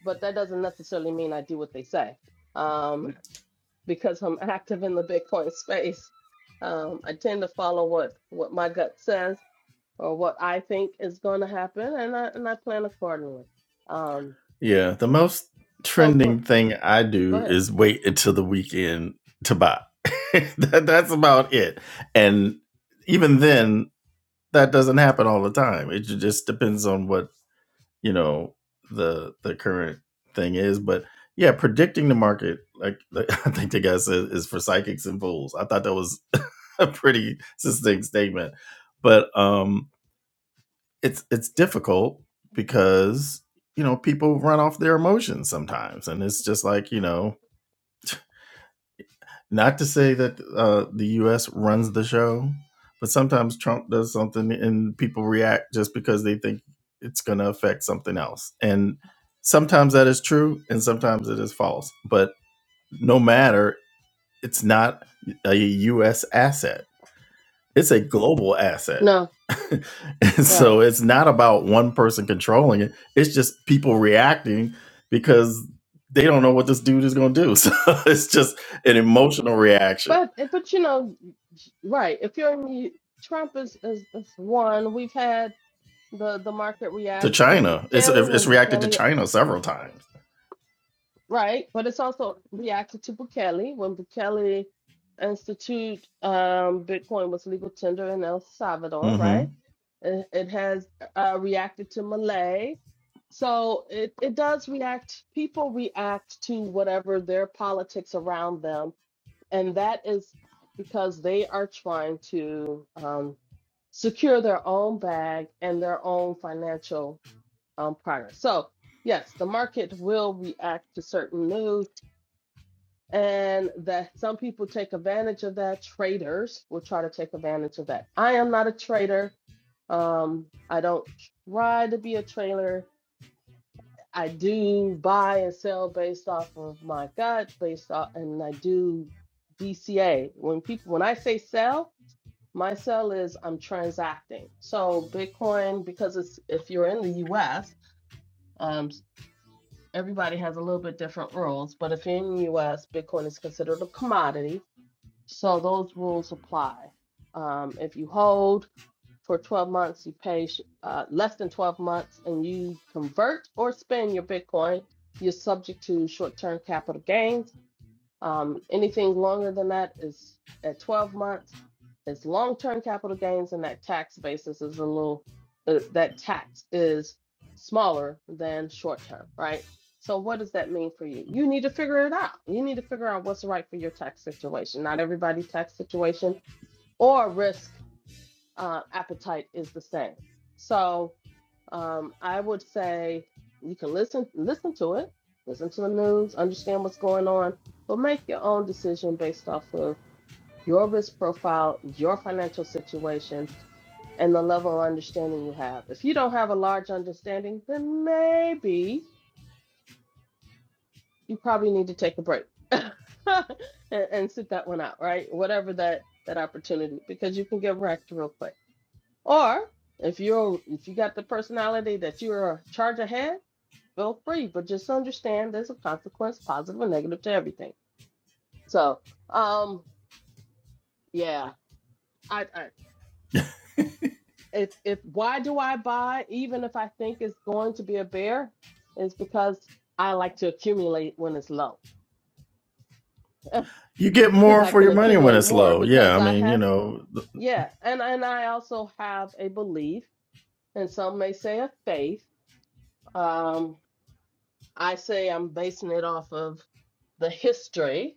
B: but that doesn't necessarily mean I do what they say. Um, because I'm active in the Bitcoin space. Um, I tend to follow what what my gut says or what I think is going to happen, and I and I plan accordingly. Um,
A: Yeah, the most
B: so for
A: trending thing I
B: go
A: do
B: ahead.
A: is wait until the weekend to buy. that, that's about it, and even then that doesn't happen all the time. It just depends on what you know the the current thing is. But yeah, predicting the market, like, like I think the guy said, is for psychics and fools. I thought that was a pretty succinct statement, but um, it's it's difficult because you know people run off their emotions sometimes, and it's just like you know Not to say that uh, the U.S. runs the show, but sometimes Trump does something and people react just because they think it's going to affect something else. And sometimes that is true, and sometimes it is false. But no matter, it's not a U.S. asset. It's a global asset.
B: No,
A: and
B: right,
A: so it's not about one person controlling it. It's just people reacting because they don't know what this dude is going to do. So it's just an emotional reaction
B: but but you know, right. If you're in the- Trump is, is is one. We've had the the market
A: to
B: react to
A: China. It's
B: Bukele
A: it's
B: when
A: reacted to
B: Bukele
A: China several times.
B: Right, but it's also reacted to Bukele when Bukele institute um, Bitcoin was legal tender in El Salvador,
A: hmm
B: right? It, it has uh, reacted to Malay. So it, it does react, people react to whatever their politics around them. And that is because they are trying to um, secure their own bag and their own financial um, prior. So, yes, the market will react to certain news, and that some people take advantage of that. Traders will try to take advantage of that. I am not a trader. Um, I don't try to be a trader. I do buy and sell based off of my gut, based off, and I do DCA. When people, when I say sell, my sell is I'm transacting. So Bitcoin, because it's if you're in the U.S. everybody has a little bit different rules, but if in the US, Bitcoin is considered a commodity, so those rules apply. Um, if you hold for 12 months, you pay uh, less than 12 months, and you convert or spend your Bitcoin, you're subject to short term capital gains um, anything longer than that is at 12 months. It's long-term capital gains, and that tax basis is a little, uh, that tax is smaller than short-term, right? So what does that mean for you? You need to figure it out. You need to figure out what's right for your tax situation. Not everybody's tax situation or risk uh, appetite is the same. So um, I would say you can listen listen to it, listen to the news, understand what's going on, but make your own decision based off of your risk profile, your financial situation, and the level of understanding you have. If you don't have a large understanding, then maybe you probably need to take a break and, and sit that one out, right? Whatever that that opportunity, because you can get wrecked real quick. Or if you're if you got the personality that you're a charge ahead, feel free. But just understand there's a consequence, positive or negative, to everything. So um yeah. I, I if if why do I buy even if I think it's going to be a bear, is because I like to accumulate when it's low.
A: You get
B: Because
A: more
B: I
A: for
B: can
A: your money when
B: accumulate
A: it's
B: more
A: low. Yeah,
B: because
A: I
B: I
A: mean, you
B: have
A: know, th-
B: yeah, and and I also have a belief, and some may say a faith. Um. I say I'm basing it off of the history,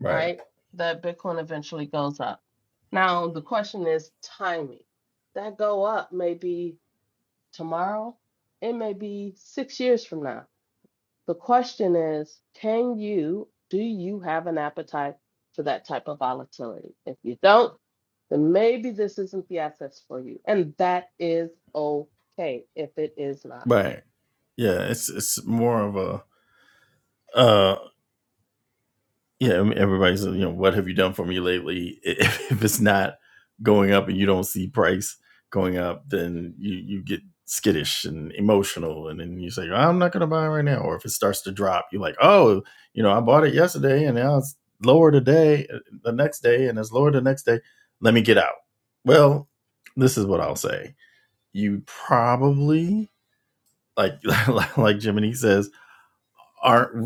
A: right,
B: right, that Bitcoin eventually goes up. Now, the question is timing. That go up may be tomorrow, it may be six years from now. The question is, can you, do you have an appetite for that type of volatility? If you don't, then maybe this isn't the assets for you. And that is okay if it is not.
A: right. Yeah, it's it's more of a uh, yeah, I mean, everybody's you know, what have you done for me lately? If, if it's not going up and you don't see price going up, then you you get skittish and emotional, and then you say, I'm not going to buy it right now. Or if it starts to drop, you're like, oh, you know, I bought it yesterday and now it's lower today, uh, the next day, and it's lower the next day. Let me get out. Well, this is what I'll say. You probably like like Jiminy says aren't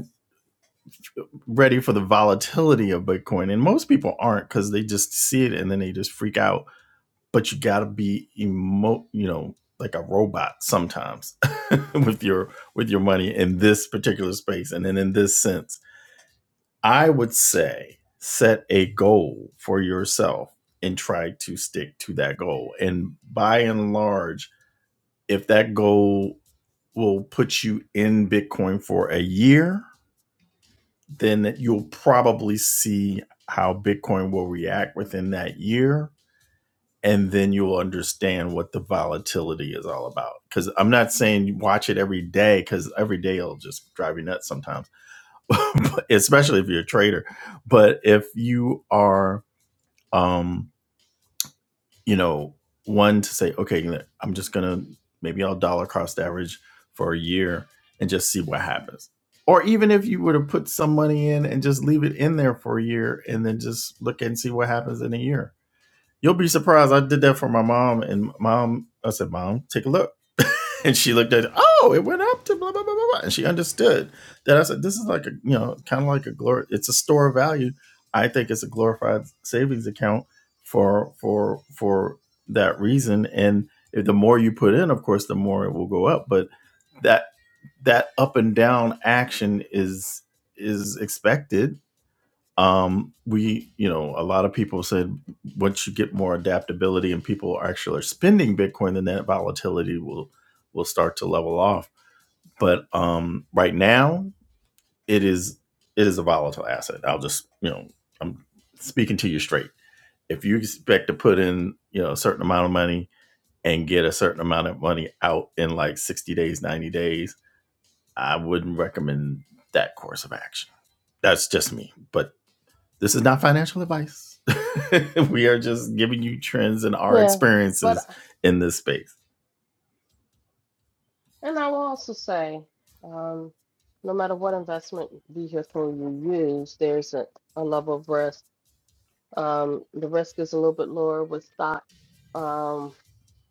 A: ready for the volatility of Bitcoin. And most people aren't because they just see it and then they just freak out. But you gotta be emo you know, like a robot sometimes with your with your money in this particular space. And then in this sense, I would say set a goal for yourself and try to stick to that goal. And by and large, if that goal will put you in Bitcoin for a year, then you'll probably see how Bitcoin will react within that year. And then you'll understand what the volatility is all about. Because I'm not saying you watch it every day, because every day it'll just drive you nuts sometimes, especially if you're a trader. But if you are, um, you know, one to say, okay, I'm just gonna maybe I'll dollar cost average for a year and just see what happens. Or even if you were to put some money in and just leave it in there for a year and then just look and see what happens in a year You'll be surprised. I did that for my mom, and mom, I said, Mom, take a look. and she looked at it, oh, it went up to blah, blah, blah, blah, blah. And she understood that I said, This is like a, you know, kind of like a glory, it's a store of value. I think it's a glorified savings account for, for, for that reason. And if the more you put in, of course, the more it will go up. But that, that up and down action is, is expected um we you know a lot of people said once you get more adaptability and people are actually spending bitcoin then that volatility will will start to level off but um right now it is it is a volatile asset i'll just you know i'm speaking to you straight if you expect to put in you know a certain amount of money and get a certain amount of money out in like 60 days 90 days i wouldn't recommend that course of action that's just me but this is not financial advice. we are just giving you trends and our
B: Yeah.
A: experiences
B: But
A: in this space.
B: And I will also say, um, no matter what investment vehicle you use, there's a, a level of risk. Um, the risk is a little bit lower with stock, um,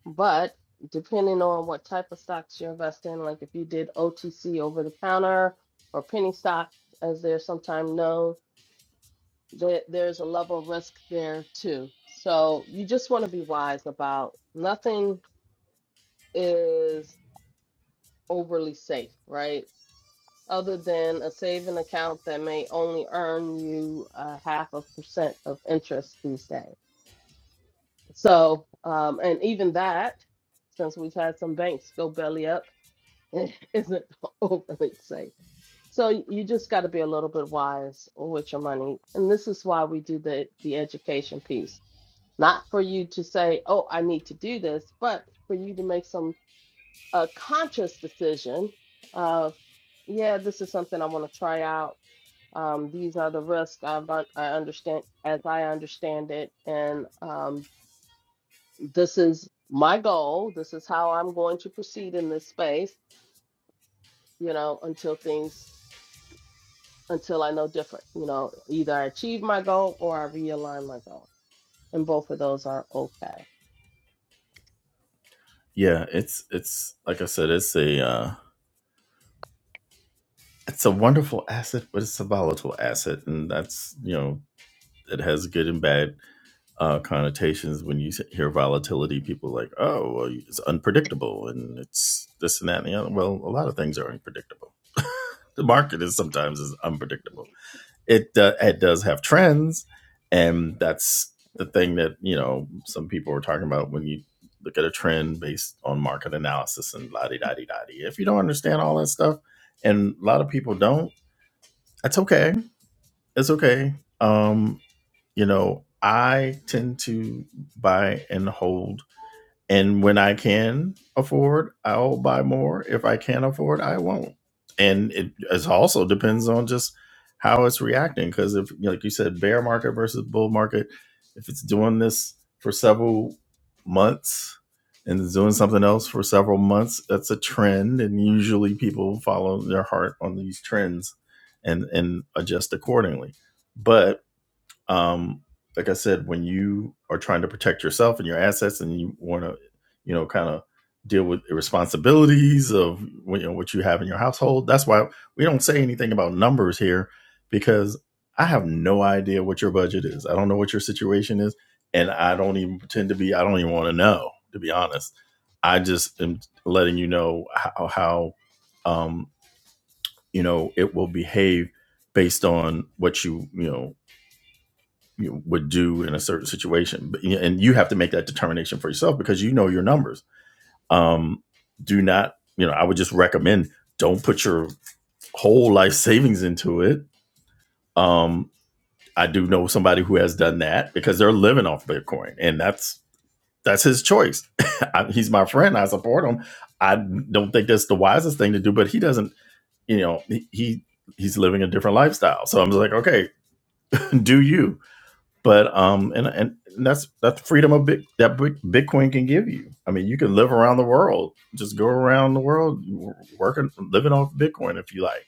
B: but depending on what type of stocks you invest in, like if you did OTC over the counter or penny stocks, as they're sometimes known, there, there's a level of risk there too. So you just want to be wise about nothing is overly safe, right? other than a saving account that may only earn you a half a percent of interest these days. So, um, and even that, since we've had some banks go belly up, isn't overly safe. So you just got to be a little bit wise with your money, and this is why we do the the education piece, not for you to say, "Oh, I need to do this," but for you to make some a conscious decision of, "Yeah, this is something I want to try out." Um, these are the risks I've, un- I understand, as I understand it, and um, this is my goal. This is how I'm going to proceed in this space, you know, until things, until I know different. You know, either I achieve my goal or I realign my goal, and both of those are okay.
A: Yeah, it's it's like I said, it's a uh, it's a wonderful asset, but it's a volatile asset, and that's you know it has good and bad uh, connotations. When you hear volatility, people are like, oh, well, it's unpredictable, and it's this and that and the other. Well, a lot of things are unpredictable. the market is sometimes is unpredictable it do, it does have trends, and that's the thing that you know some people were talking about when you look at a trend based on market analysis and la di da di da di. If you don't understand all that stuff, and a lot of people don't, that's okay. It's okay. Um, you know, I tend to buy and hold and when I can afford, I'll buy more. If I can't afford, I won't. And it it's also depends on just how it's reacting. Because if, like you said, bear market versus bull market, if it's doing this for several months and it's doing something else for several months, that's a trend. And usually people follow their heart on these trends and and adjust accordingly. But um like i said when you are trying to protect yourself and your assets and you want to you know kind of deal with the responsibilities of you know what you have in your household that's why we don't say anything about numbers here because i have no idea what your budget is i don't know what your situation is and i don't even pretend to be i don't even want to know to be honest i just am letting you know how how um you know it will behave based on what you you know you know, would do in a certain situation but, and you have to make that determination for yourself because you know your numbers um, do not you know i would just recommend don't put your whole life savings into it um, i do know somebody who has done that because they're living off bitcoin and that's that's his choice I, he's my friend i support him i don't think that's the wisest thing to do but he doesn't you know he he- he's living a different lifestyle so i'm just like okay do you but um and and that's that's freedom of big, that bitcoin can give you i mean you can live around the world just go around the world working living off bitcoin if you like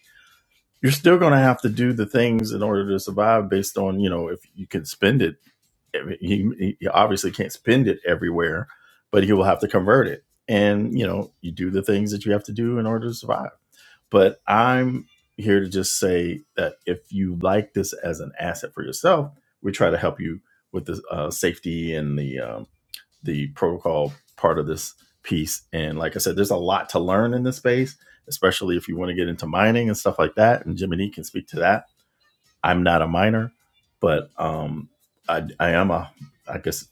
A: you're still going to have to do the things in order to survive based on you know if you can spend it I mean, you obviously can't spend it everywhere but you will have to convert it and you know you do the things that you have to do in order to survive but I'm here to just say that if you like this as an asset for yourself, we try to help you with the uh, safety and the um, the protocol part of this piece. And like I said, there's a lot to learn in this space, especially if you want to get into mining and stuff like that. And Jiminy can speak to that. I'm not a miner, but um, I, I am a, I guess,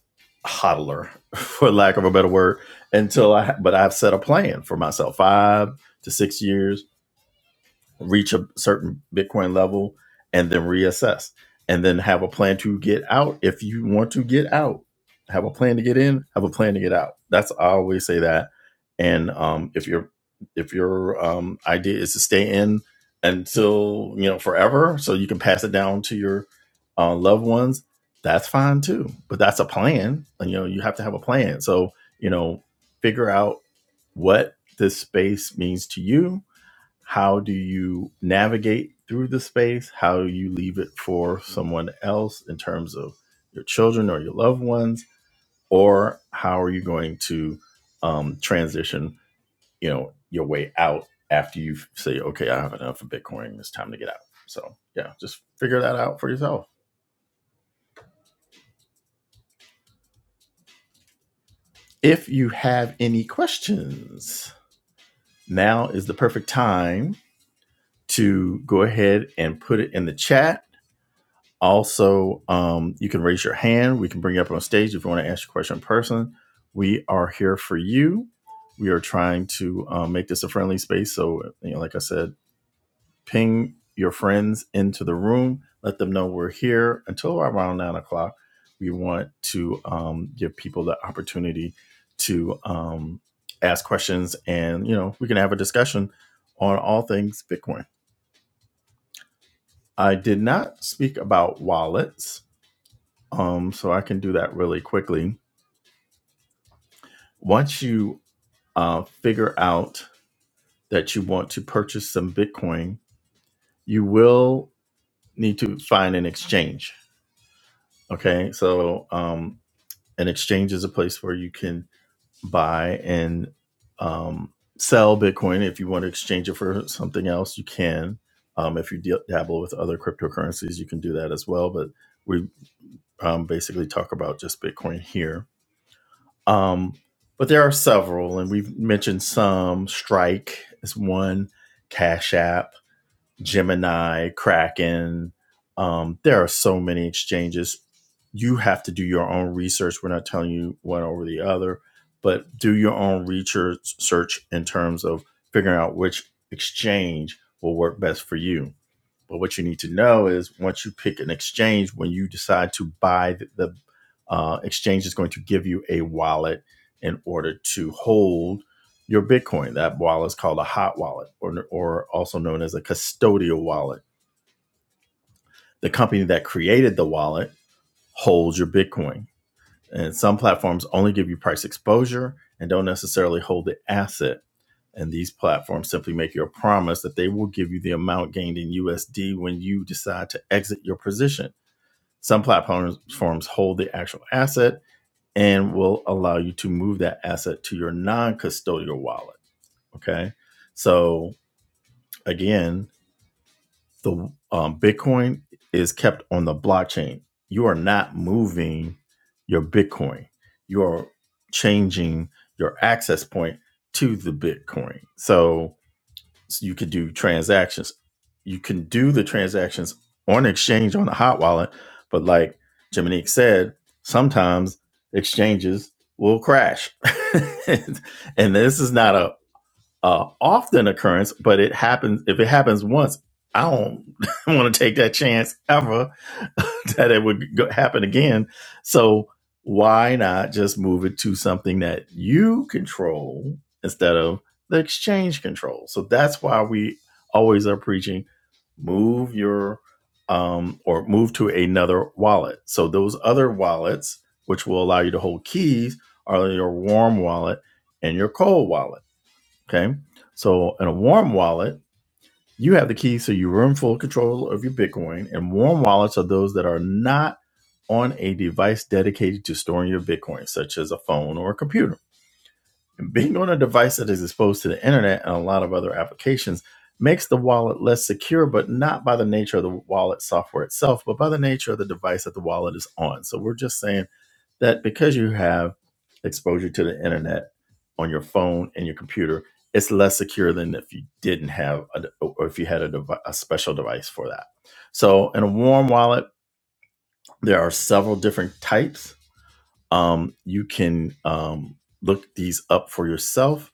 A: hodler, for lack of a better word. Until I, but I've set a plan for myself five to six years reach a certain Bitcoin level, and then reassess, and then have a plan to get out if you want to get out. Have a plan to get in. Have a plan to get out. That's I always say that. And um, if your if your um, idea is to stay in until you know forever, so you can pass it down to your uh, loved ones, that's fine too. But that's a plan, and you know you have to have a plan. So you know, figure out what this space means to you how do you navigate through the space? How you leave it for someone else in terms of your children or your loved ones? Or how are you going to um, transition, you know, your way out after you say, okay, I have enough of Bitcoin. It's time to get out. So yeah, just figure that out for yourself. If you have any questions, now is the perfect time to go ahead and put it in the chat Also, um, you can raise your hand. We can bring you up on stage if you want to ask your question in person. We are here for you. We are trying to um, make this a friendly space. So, you know, like I said, ping your friends into the room. Let them know we're here until around nine o'clock. We want to um, give people the opportunity to um, ask questions, and you know, we can have a discussion on all things Bitcoin. I did not speak about wallets Um, so I can do that really quickly. Once you uh, figure out that you want to purchase some Bitcoin, you will need to find an exchange. Okay, so um, an exchange is a place where you can buy and um, sell Bitcoin. If you want to exchange it for something else, you can. Um, if you deal- dabble with other cryptocurrencies, you can do that as well. But we um, basically talk about just Bitcoin here Um, but there are several, and we've mentioned some. Strike is one, Cash App, Gemini, Kraken. Um, there are so many exchanges. You have to do your own research. We're not telling you one over the other, but do your own research search in terms of figuring out which exchange will work best for you. But what you need to know is once you pick an exchange, when you decide to buy, the, the uh, exchange is going to give you a wallet in order to hold your Bitcoin. That wallet is called a hot wallet, or, or also known as a custodial wallet. The company that created the wallet holds your Bitcoin. And some platforms only give you price exposure and don't necessarily hold the asset. And these platforms simply make you a promise that they will give you the amount gained in USD when you decide to exit your position. Some platforms hold the actual asset and will allow you to move that asset to your non custodial wallet. Okay. So, again, the um, Bitcoin is kept on the blockchain. You are not moving your Bitcoin. You are changing your access point to the Bitcoin. So, so you could do transactions. You can do the transactions on exchange on a hot wallet, but like Jiminique said, sometimes exchanges will crash. and this is not a uh, often occurrence, but it happens if it happens once. I don't want to take that chance ever that it would go, happen again. So why not just move it to something that you control instead of the exchange control? So that's why we always are preaching move your um, or move to another wallet. So those other wallets, which will allow you to hold keys, are your warm wallet and your cold wallet Okay. So in a warm wallet, you have the keys to your room full control of your Bitcoin. And warm wallets are those that are not on a device dedicated to storing your Bitcoin, such as a phone or a computer. And being on a device that is exposed to the internet and a lot of other applications makes the wallet less secure, but not by the nature of the wallet software itself, but by the nature of the device that the wallet is on. So we're just saying that because you have exposure to the internet on your phone and your computer, it's less secure than if you didn't have a, or if you had a, devi- a special device for that. So, in a warm wallet, there are several different types. Um, you can um, look these up for yourself.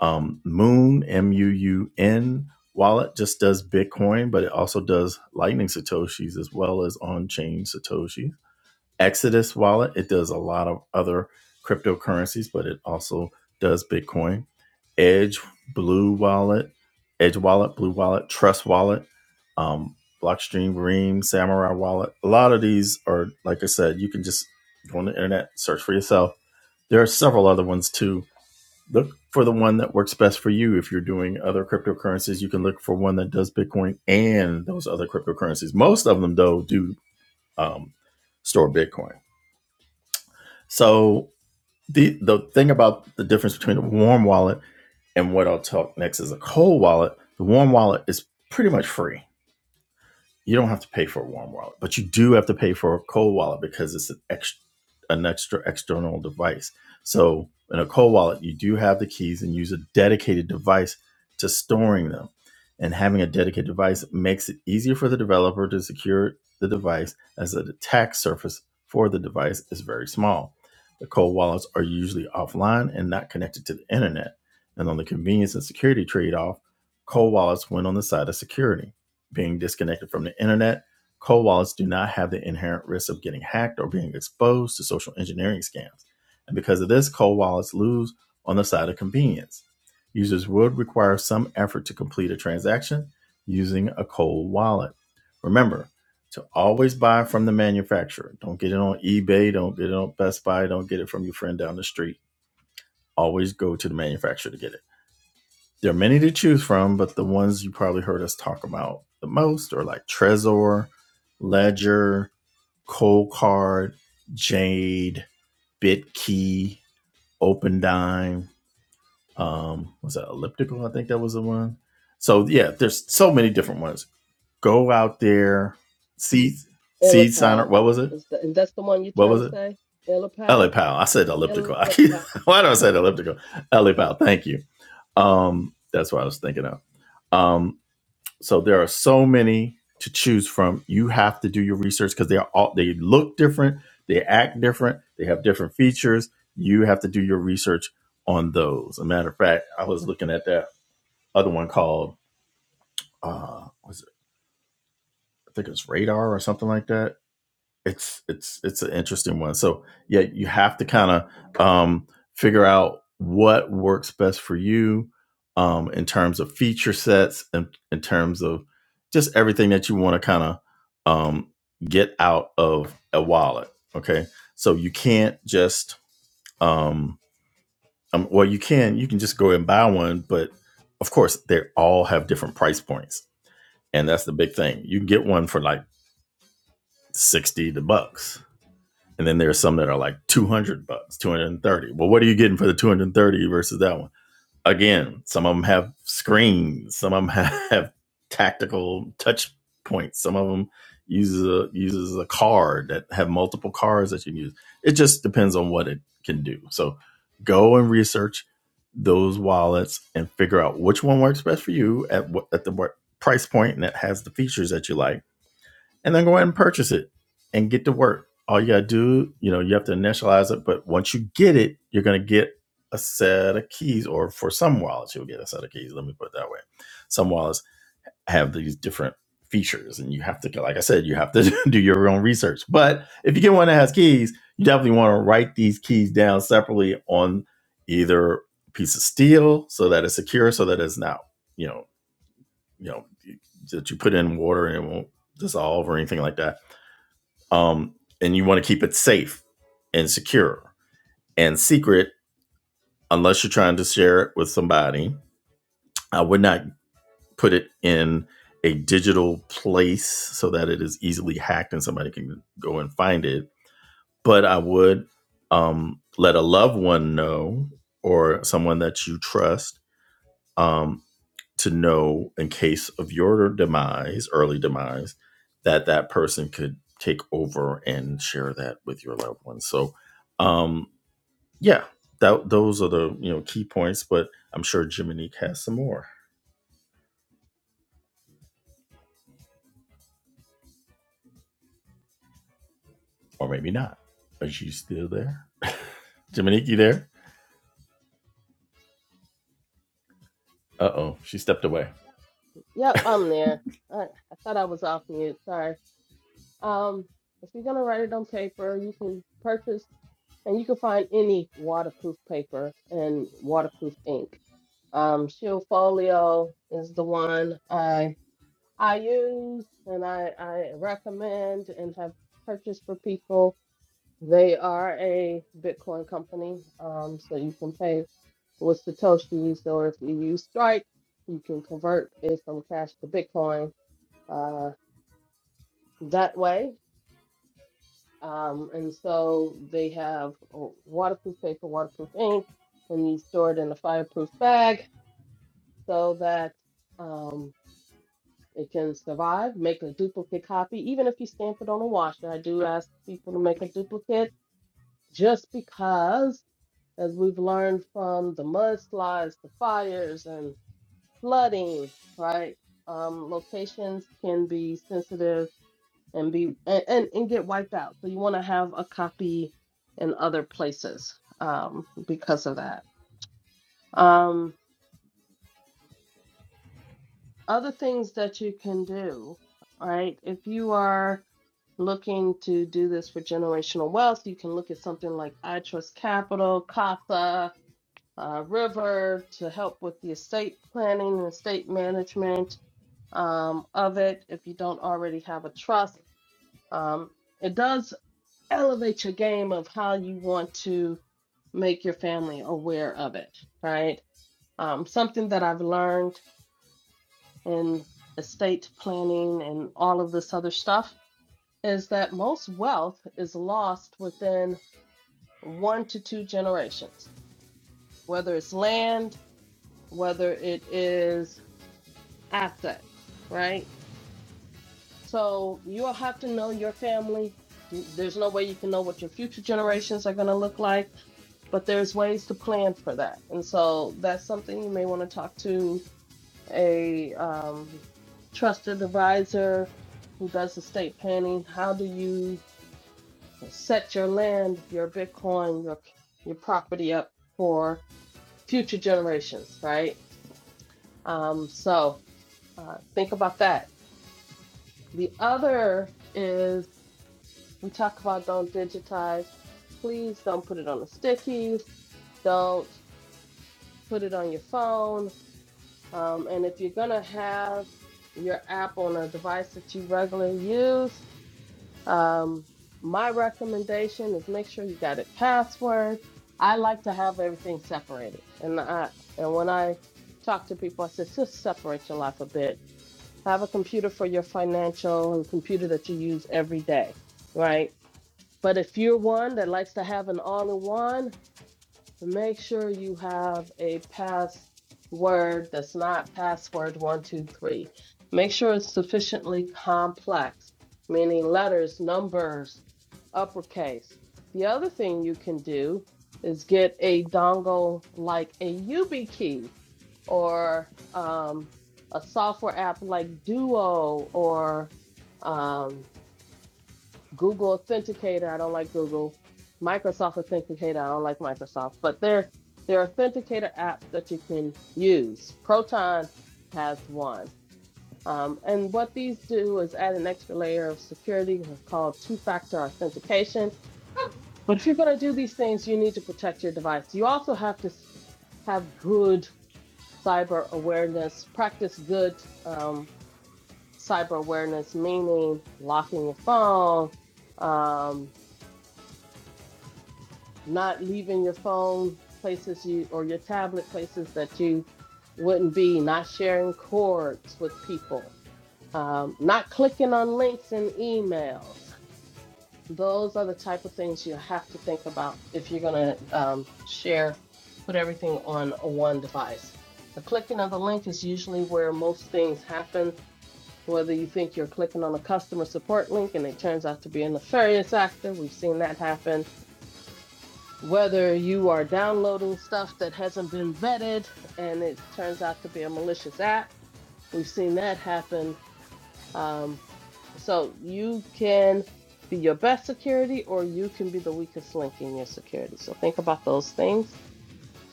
A: Um, Moon M U U N wallet just does Bitcoin, but it also does Lightning Satoshis as well as on chain Satoshis Exodus wallet. It does a lot of other cryptocurrencies, but it also does Bitcoin. Edge, Blue Wallet, Edge Wallet, Blue Wallet, Trust Wallet, um, Blockstream, Ream, Samurai Wallet. A lot of these are, like I said, you can just go on the internet, search for yourself. There are several other ones too. Look for the one that works best for you. If you're doing other cryptocurrencies, you can look for one that does Bitcoin and those other cryptocurrencies. Most of them, though, do um, store Bitcoin. So the the thing about the difference between a warm wallet and what I'll talk next is a cold wallet. The warm wallet is pretty much free you don't have to pay for a warm wallet, but you do have to pay for a cold wallet because it's an extra, an extra external device. So in a cold wallet, you do have the keys and use a dedicated device to storing them. And having a dedicated device makes it easier for the developer to secure the device as the attack surface for the device is very small. The cold wallets are usually offline and not connected to the internet. And on the convenience and security trade off, cold wallets win on the side of security being disconnected from the internet. Cold wallets do not have the inherent risk of getting hacked or being exposed to social engineering scams. And because of this, cold wallets lose on the side of convenience. Users would require some effort to complete a transaction using a cold wallet. Remember to always buy from the manufacturer. Don't get it on eBay, don't get it on Best Buy, don't get it from your friend down the street. Always go to the manufacturer to get it. There are many to choose from, but the ones you probably heard us talk about the most are like Trezor, Ledger, Coldcard, Jade, BitKey, OpenDime. Um, was that Elliptical? I think that was the one. So yeah, there's so many different ones. Go out there, seed seed signer.
B: Illipel
A: What was it?
B: is the, and that's the one you're
A: What
B: trying
A: was
B: to
A: it?
B: say.
A: LA
B: Illipel,
A: Pal. I said elliptical. I keep,
B: Illipel.
A: why do I say elliptical? LA Pal. Thank you. Um, that's what I was thinking of. Um, So there are so many to choose from. You have to do your research because they are all they look different, they act different, they have different features. You have to do your research on those. As a matter of fact, I was looking at that other one called uh was it, I think it was radar or something like that it's it's it's an interesting one. So yeah, you have to kind of um, figure out what works best for you um, in terms of feature sets and in terms of just everything that you want to kind of um, get out of a wallet. Okay, so you can't just um, um, well you can you can just go and buy one, but of course they all have different price points, and that's the big thing. You can get one for like sixty the bucks And then there's some that are like 200 bucks, 230. Well, what are you getting for the 230 versus that one? Again, some of them have screens, some of them have, tactical touch points, some of them uses a uses a card that have multiple cards that you can use. It just depends on what it can do. So go and research those wallets and figure out which one works best for you at what at the price point and that has the features that you like and then go ahead and purchase it and get to work. All you gotta do, you know, you have to initialize it, but once you get it, you're gonna get a set of keys, or for some wallets, you'll get a set of keys. Let me put it that way. Some wallets have these different features, and you have to, like I said, you have to do your own research. But if you get one that has keys, you definitely want to write these keys down separately on either a piece of steel so that it's secure, so that it's not, you know, you know, that you put in water and it won't dissolve or anything like that um, and you want to keep it safe and secure and secret unless you're trying to share it with somebody i would not put it in a digital place so that it is easily hacked and somebody can go and find it but i would um, let a loved one know or someone that you trust um, to know in case of your demise, early demise, that that person could take over and share that with your loved ones. So, um, yeah, that those are the you know key points. But I'm sure Jiminique has some more, or maybe not. Are you still there, Jiminique? You there? Uh oh, she stepped away.
B: Yep, I'm there. I, I thought I was off mute. Sorry. Um, if you're gonna write it on paper, you can purchase and you can find any waterproof paper and waterproof ink. Um, Shield Folio is the one I I use and I, I recommend and have purchased for people. They are a Bitcoin company, um, so you can pay with Satoshis, or if you use Strike, you can convert it from cash to Bitcoin uh, that way. Um, and so they have uh, waterproof paper, waterproof ink, and you store it in a fireproof bag so that um, it can survive. Make a duplicate copy, even if you stamp it on a washer. I do ask people to make a duplicate just because, as we've learned from the mudslides, the fires, and flooding, right? Um, locations can be sensitive and be and, and, and get wiped out. So you want to have a copy in other places um, because of that. Um, other things that you can do, right? If you are looking to do this for generational wealth, you can look at something like I Trust Capital, CASA, uh, River to help with the estate planning and estate management um, of it if you don't already have a trust. Um, it does elevate your game of how you want to make your family aware of it, right? Um, something that I've learned in estate planning and all of this other stuff is that most wealth is lost within one to two generations, whether it's land, whether it is asset, right? So you'll have to know your family. You, there's no way you can know what your future generations are going to look like but there's ways to plan for that. And so that's something you may want to talk to a um, trusted advisor who does estate planning. How do you set your land, your Bitcoin, your your property up for future generations, right? Um, so uh, think about that. The other is we talk about don't digitize. Please don't put it on a sticky. Don't put it on your phone Um, and if you're going to have your app on a device that you regularly use, um, my recommendation is make sure you got it password. I like to have everything separated. And I and when I talk to people, I say just separate your life a bit. Have a computer for your financial, a computer that you use every day, right? But if you're one that likes to have an all-in-one, Make sure you have a password that's not password one, two, three. Make sure it's sufficiently complex, meaning letters, numbers, uppercase. The other thing you can do is get a dongle like a YubiKey or um, a software app like Duo or um, Google Authenticator, I don't like Google. Microsoft Authenticator, I don't like Microsoft. But there, there are authenticator apps that you can use. Proton has one. Um, and what these do is add an extra layer of security called two factor authentication. But if you're going to do these things, you need to protect your device. You also have to have good cyber awareness, practice good um, cyber awareness, meaning locking your phone, um, not leaving your phone places you or your tablet places that you wouldn't be, not sharing cords with people, um, not clicking on links in emails. Those are the type of things you have to think about if you're going to um, share, put everything on one device. The clicking of the link is usually where most things happen. Whether you think you're clicking on a customer support link and it turns out to be a nefarious actor, we've seen that happen whether you are downloading stuff that hasn't been vetted and it turns out to be a malicious app. We've seen that happen. Um, so you can be your best security or you can be the weakest link in your security. So think about those things.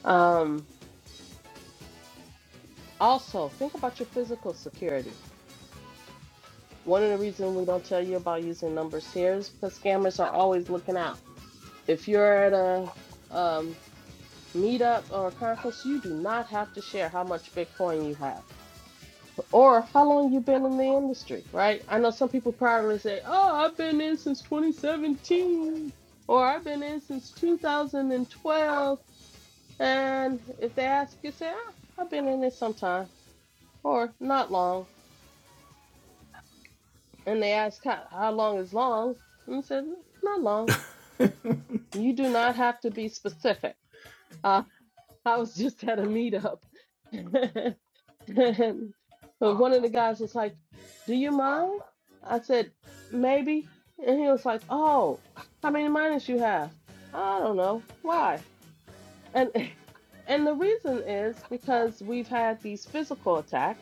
B: Um, also, think about your physical security. One of the reasons we don't tell you about using numbers here is because scammers are always looking out. If you're at a um, meetup or a conference, you do not have to share how much Bitcoin you have or how long you been in the industry, right? I know some people probably say, "Oh, I've been in since 2017," or "I've been in since 2012," and twelve." And if they ask, you say, "Ah, "I've been in it sometime," or "Not long," and they ask, "How, how long is long?" and you said, "Not long." You do not have to be specific. Uh, I was just at a meetup And one of the guys was like, Do you mind? I said, Maybe. And he was like, Oh, how many minors you have? I don't know. Why? And and the reason is because we've had these physical attacks,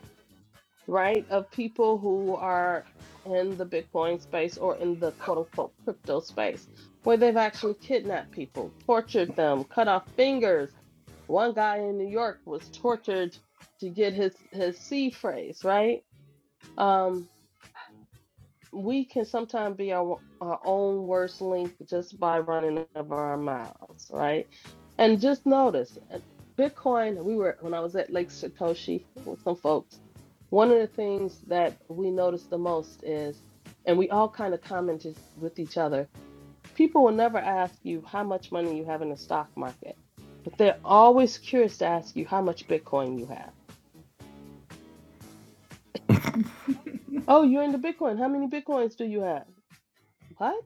B: right, of people who are in the Bitcoin space or in the quote unquote crypto space, where they've actually kidnapped people, tortured them, cut off fingers one guy in New York was tortured to get his his C phrase right. Um, we can sometimes be our our own worst link just by running over our mouths, right? And just notice, uh, Bitcoin. We were when I was at Lake Satoshi with some folks. One of the things that we noticed the most is, and we all kind of commented with each other People will never ask you how much money you have in the stock market, but they're always curious to ask you how much Bitcoin you have. Oh, you're into Bitcoin. How many Bitcoins do you have? What?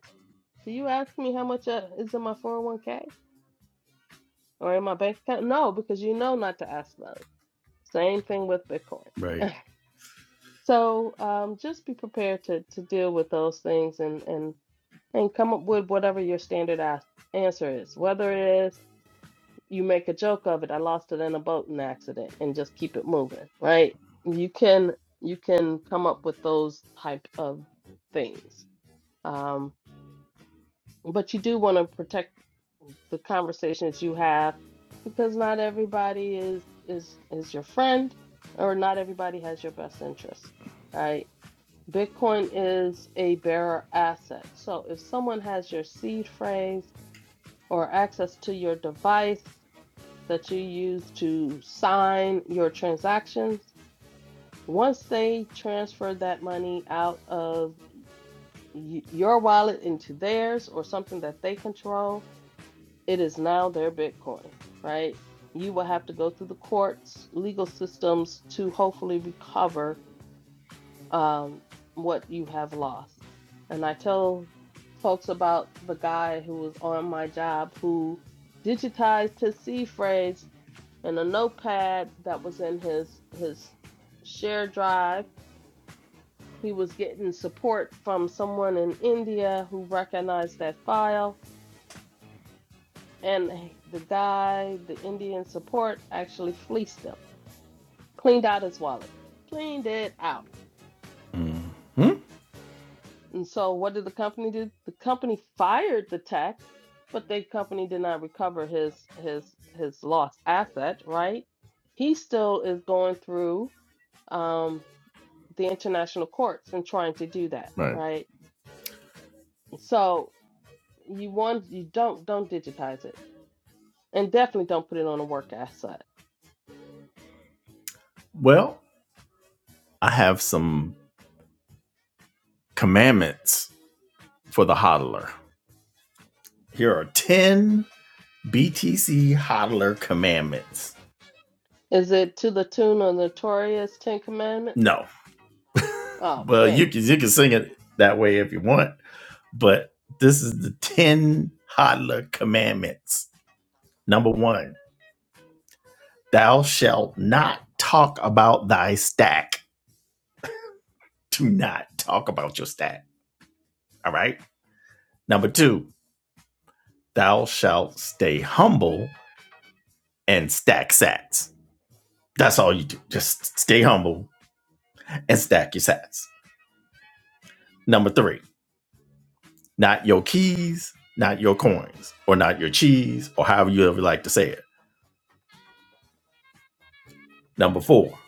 B: Do you ask me how much uh, is in my 401k or in my bank account? No, because you know not to ask those. Same thing with Bitcoin.
A: Right.
B: So um, just be prepared to, to deal with those things and, and, and come up with whatever your standard ask, answer is, whether it is you make a joke of it. I lost it in a boating accident and just keep it moving, right? You can you can come up with those type of things. Um, but you do want to protect the conversations you have because not everybody is is is your friend or not everybody has your best interest, right? Bitcoin is a bearer asset. So if someone has your seed phrase or access to your device, that you use to sign your transactions, once they transfer that money out of y- your wallet into theirs or something that they control, it is now their Bitcoin, right? You will have to go through the courts, legal systems to hopefully recover um, what you have lost. And I tell folks about the guy who was on my job who digitized his seed phrase and a notepad that was in his his share drive. He was getting support from someone in India who recognized that file, and the guy, the Indian support, actually fleeced him, cleaned out his wallet, cleaned it out.
A: Hmm.
B: And so, what did the company do? The company fired the tech, but the company did not recover his his his lost asset. Right? He still is going through. Um, the international courts and trying to do that,
A: Right.
B: right? So you want you don't don't digitize it, and definitely don't put it on a work asset.
A: Well, I have some commandments for the hodler. Here are ten BTC hodler commandments.
B: Is it to the tune of notorious Ten Commandments?
A: No.
B: Oh,
A: Well, you
B: dang!
A: can you can sing it that way if you want, but this is the ten Hadla commandments. Number one, thou shalt not talk about thy stack. Do not talk about your stack. All right. Number two, thou shalt stay humble and stack sats. That's all you do. Just stay humble and stack your sats. Number three, not your keys, not your coins, or not your cheese, or however you ever like to say it. Number four,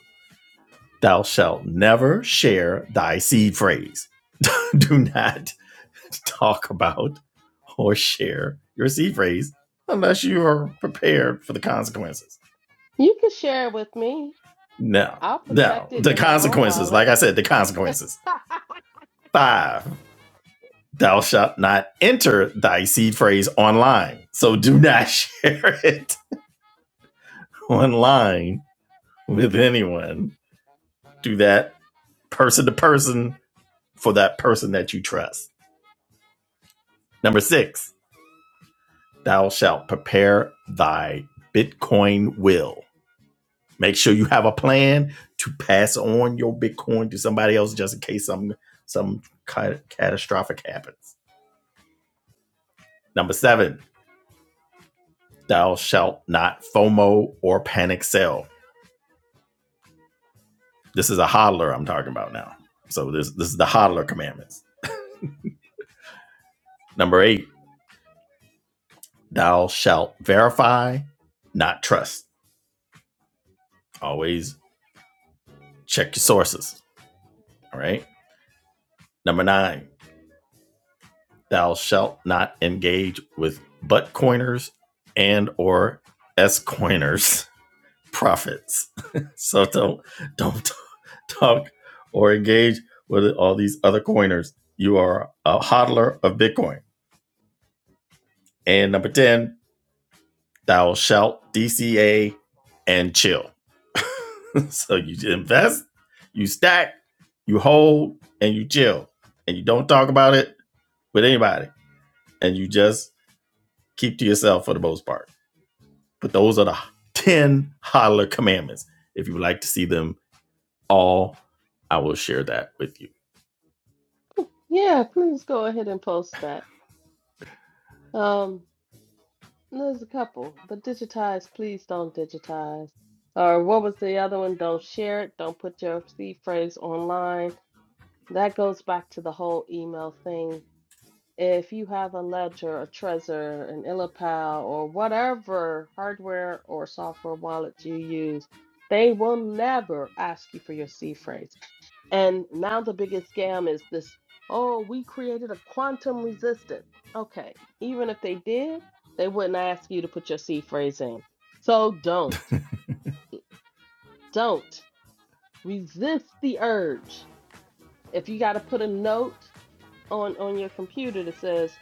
A: thou shalt never share thy seed phrase. Do not talk about or share your seed phrase unless you are prepared for the consequences.
B: You can share it with me.
A: No,
B: I'll
A: no,
B: protect it
A: the
B: in my own
A: consequences.
B: wallet.
A: Like I said, the consequences. Five, thou shalt not enter thy seed phrase online. So do not share it online with anyone. Do that person to person for that person that you trust. Number six, thou shalt prepare thy Bitcoin will. Make sure you have a plan to pass on your Bitcoin to somebody else just in case some some ca- catastrophic happens. Number seven, thou shalt not FOMO or panic sell. This is a hodler I'm talking about now. So this this is the hodler commandments. Number eight, thou shalt verify, not trust. Always check your sources. All right. Number nine, thou shalt not engage with butt coiners and or s coiners prophets so don't don't talk or engage with all these other coiners you are a hodler of bitcoin and number 10 thou shalt dca and chill so you invest you stack you hold and you chill and you don't talk about it with anybody and you just keep to yourself for the most part But those are the 10 hodler commandments. If you would like to see them all, I will share that with you.
B: Yeah, please go ahead and post that. Um, there's a couple. The digitize, please don't digitize. Or what was the other one? Don't share it. Don't put your seed phrase online That goes back to the whole email thing. If you have a Ledger, a Trezor, an Illipal, or whatever hardware or software wallet you use, they will never ask you for your C phrase. And now the biggest scam is this, oh, we created a quantum resistant. Okay, even if they did, they wouldn't ask you to put your C phrase in. So don't, don't resist the urge. If you got to put a note on on your computer that says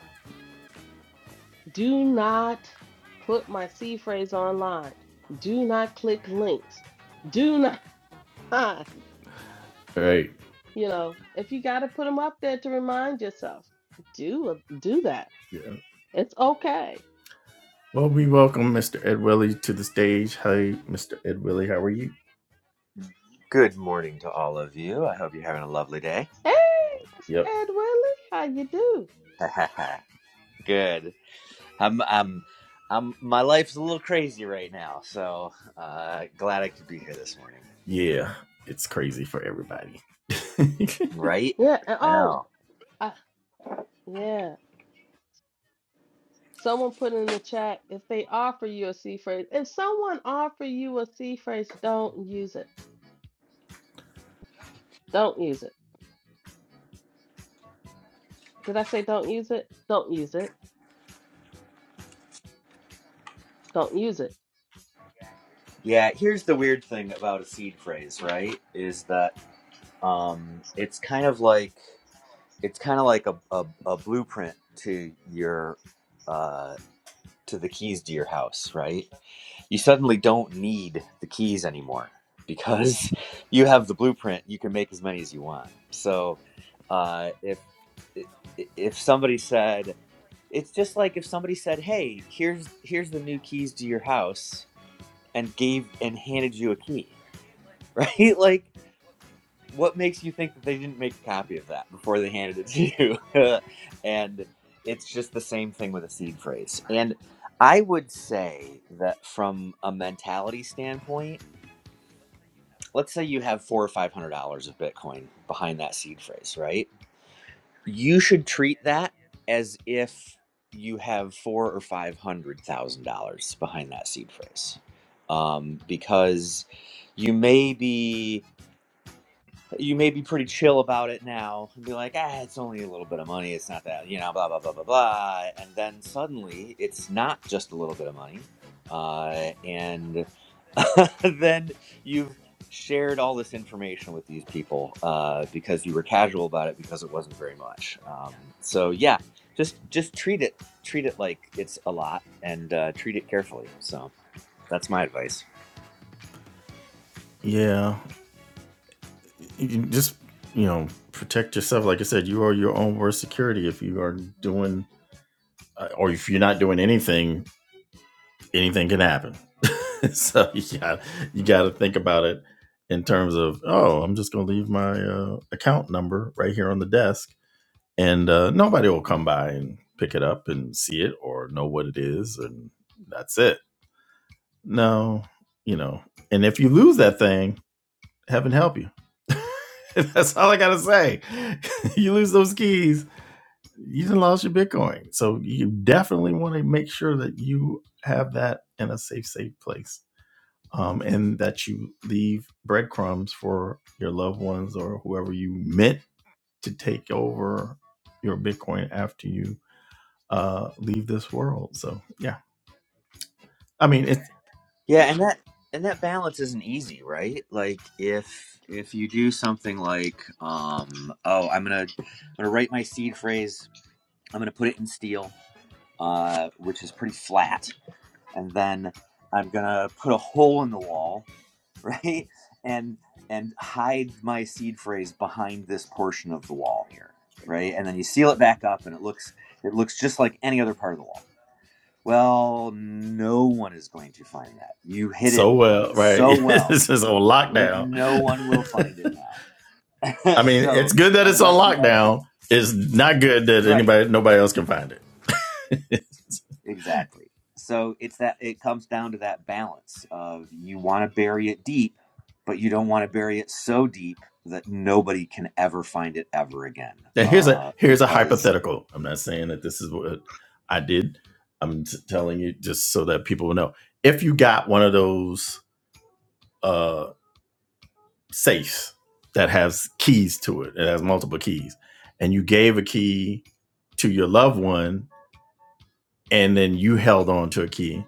B: Do not put my C phrase online. Do not click links. Do not,
A: All right.
B: you know, if you got to put them up there to remind yourself, do do that.
A: Yeah.
B: It's okay.
A: Well, we welcome Mr. Ed Willie to the stage. Hey, Mr. Ed Willie, how are you?
C: Good morning to all of you. I hope you're having a lovely day.
B: Hey, Mr.
A: Yep.
B: Ed Willie, how you do?
C: Good. I'm I'm I'm my life's a little crazy right now, so uh glad I could be here this morning.
A: Yeah. It's crazy for everybody.
C: Right?
B: Yeah. And,
C: I
B: oh,
C: know.
B: uh, yeah. Someone put in the chat if they offer you a C phrase. If someone offer you a C phrase, don't use it. Don't use it. Did I say don't use it? Don't use it. Don't use it
C: Yeah, here's the weird thing about a seed phrase, right? Is that um it's kind of like it's kind of like a, a a blueprint to your uh to the keys to your house, right? you suddenly don't need the keys anymore because you have the blueprint you can make as many as you want so uh, if if somebody said it's just like if somebody said hey here's here's the new keys to your house and gave and handed you a key right like what makes you think that they didn't make a copy of that before they handed it to you? and it's just the same thing with a seed phrase. And I would say that from a mentality standpoint, let's say you have four or five hundred dollars of Bitcoin behind that seed phrase, right? You should treat that as if you have four or five hundred thousand dollars behind that seed phrase, um, because you may be you may be pretty chill about it now and be like, ah, it's only a little bit of money. It's not that, you know, blah, blah, blah, blah, blah. And then suddenly it's not just a little bit of money. Uh, and then you've shared all this information with these people uh, because you were casual about it because it wasn't very much. Um, so yeah, just just treat it treat it like it's a lot and uh, treat it carefully. So that's my advice.
A: yeah. You can just, you know, protect yourself. Like I said, you are your own worst security if you are doing, uh, or if you're not doing anything anything can happen. so you got you got to think about it in terms of oh, I'm just gonna leave my uh, account number right here on the desk, and uh, nobody will come by and pick it up and see it or know what it is, and that's it. No, you know, and if you lose that thing, heaven help you. that's all I gotta say. you lose those keys, you done lost your Bitcoin. So you definitely want to make sure that you have that in a safe, safe place um, and that you leave breadcrumbs for your loved ones or whoever you meant to take over your Bitcoin after you uh, leave this world. So, yeah, I mean, it's
C: Yeah, and that and that balance isn't easy, right? Like if if you do something like um oh, I'm going to I'm going to write my seed phrase, I'm going to put it in steel, uh which is pretty flat, and then I'm going to put a hole in the wall, right? And and hide my seed phrase behind this portion of the wall here, right? And then you seal it back up and it looks it looks just like any other part of the wall well, no one is going to find that. You hit it
A: so well,
C: so
A: right?
C: well
A: this is on
C: that
A: lockdown.
C: no one will find it now.
A: I mean, it's
C: so,
A: good that it's on
C: unless you've actually.
A: lockdown. It's not good that
C: Right.
A: anybody, nobody else can find it.
C: Exactly. So, it's that it comes down to that balance of you want to bury it deep, but you don't want to bury it so deep that nobody can ever find it ever again.
A: now here's a
C: Uh,
A: here's a
C: because,
A: hypothetical. I'm not saying that this is what I did. I'm t- telling you just so that people will know. If you got one of those uh, safes that has keys to it, it has multiple keys, and you gave a key to your loved one, and then you held on to a key,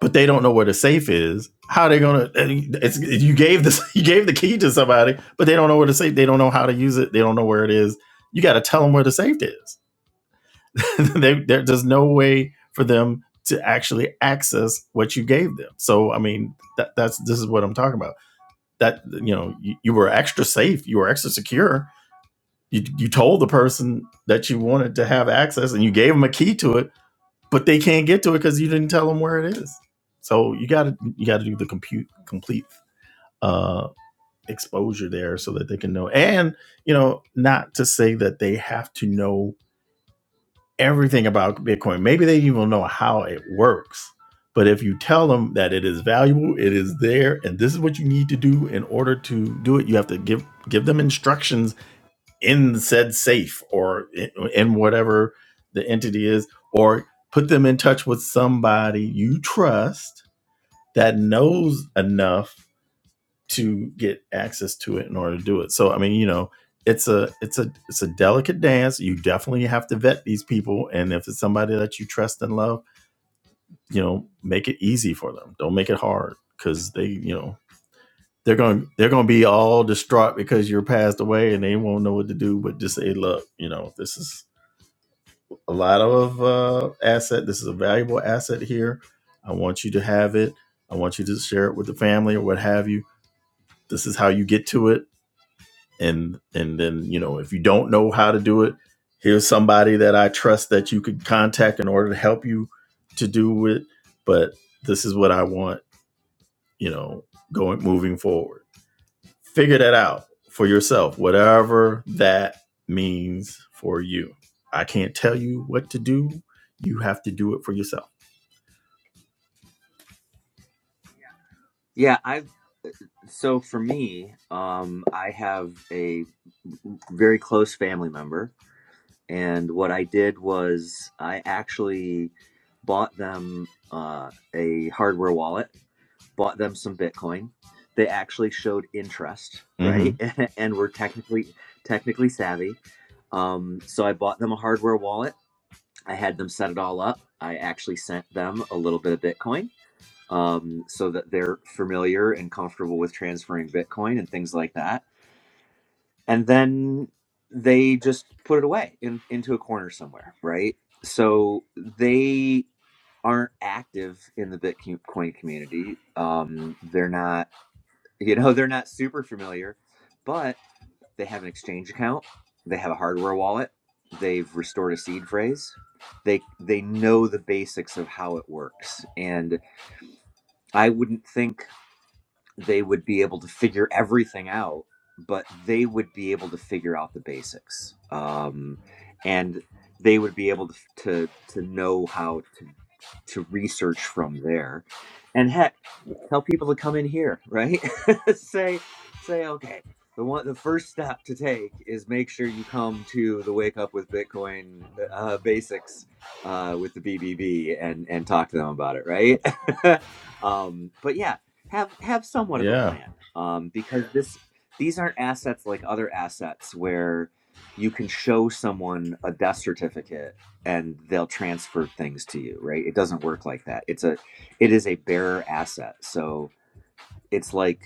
A: but they don't know where the safe is. How are they gonna? eh, It's you gave this you gave the key to somebody, but they don't know where the safe. They don't know how to use it. They don't know where it is. You got to tell them where the safe is. they, there, there's no way for them to actually access what you gave them. So I mean, that, that's this is what I'm talking about. That you know, you, you were extra safe. You were extra secure. You, you told the person that you wanted to have access, and you gave them a key to it but they can't get to it because you didn't tell them where it is. So you got to you got to do the compute complete uh, exposure there so that they can know. And you know, not to say that they have to know everything about Bitcoin. Maybe they even know how it works. But if you tell them that it is valuable, it is there, and this is what you need to do in order to do it, you have to give give them instructions in said safe or in, in whatever the entity is, or put them in touch with somebody you trust that knows enough to get access to it in order to do it. So I mean, you know, it's a it's a it's a delicate dance. You definitely have to vet these people, and if it's somebody that you trust and love, you know, make it easy for them. Don't make it hard because they, you know, they're going they're going to be all distraught because you're passed away and they won't know what to do but just say look you know this is a lot of uh, asset. This is a valuable asset here. I want you to have it. I want you to share it with the family or what have you. This is how you get to it. And and then you know if you don't know how to do it, here's somebody that I trust that you could contact in order to help you to do it. But this is what I want. You know, going moving forward figure that out for yourself, whatever that means for you. I can't tell you what to do. You have to do it for yourself.
C: yeah, I've. So, for me, um, I have a very close family member And what I did was I actually bought them uh, a hardware wallet, bought them some Bitcoin. They actually showed interest,
A: hmm
C: right? and were technically technically savvy. Um, so I bought them a hardware wallet. I had them set it all up. I actually sent them a little bit of Bitcoin um, so that they're familiar and comfortable with transferring Bitcoin and things like that and then they just put it away in, into a corner somewhere, right? So they aren't active in the Bitcoin community. Um, they're not, you know, they're not super familiar, but they have an exchange account, they have a hardware wallet, they've restored a seed phrase. They they know the basics of how it works, and I wouldn't think they would be able to figure everything out, but they would be able to figure out the basics, um, and they would be able to to, to know how to to research from there, and heck, tell people to come in here, right? say say okay. The one, the first step to take is make sure you come to the Wake Up with Bitcoin uh, Basics uh, with the BBB and and talk to them about it, right? um, but yeah, have have somewhat of a
A: Yeah.
C: plan um, because Sure. this these aren't assets like other assets where you can show someone a death certificate and they'll transfer things to you right it doesn't work like that it's a it is a bearer asset so it's like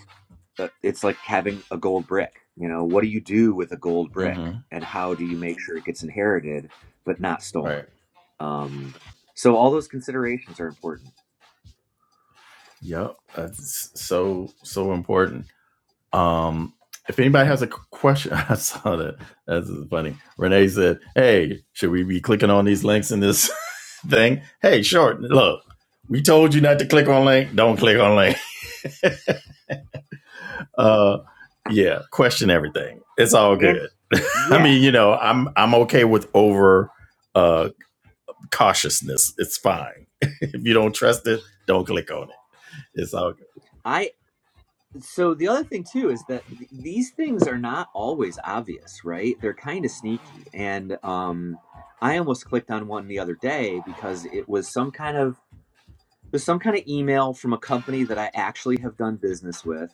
C: uh, it's like having a gold brick you know what do you do with a gold brick
A: hmm
C: and how do you make sure it gets inherited but not
A: Right.
C: stolen um, so all those considerations are important
A: Yep. That's so so important. Um, if anybody has a question, I saw that. That's funny. Renee said, "Hey, should we be clicking on these links in this thing?" Hey, short. Look, we told you not to click on link. Don't click on link. Uh, yeah, question everything. It's all
C: and
A: good. I
C: yeah
A: mean, you know, I'm I'm okay with over uh cautiousness. It's fine. if you don't trust it, don't click on it. It's all
C: I. so the other thing too is that th- these things are not always obvious right they're kind of sneaky and um i almost clicked on one the other day because it was some kind of it was some kind of email from a company that i actually have done business with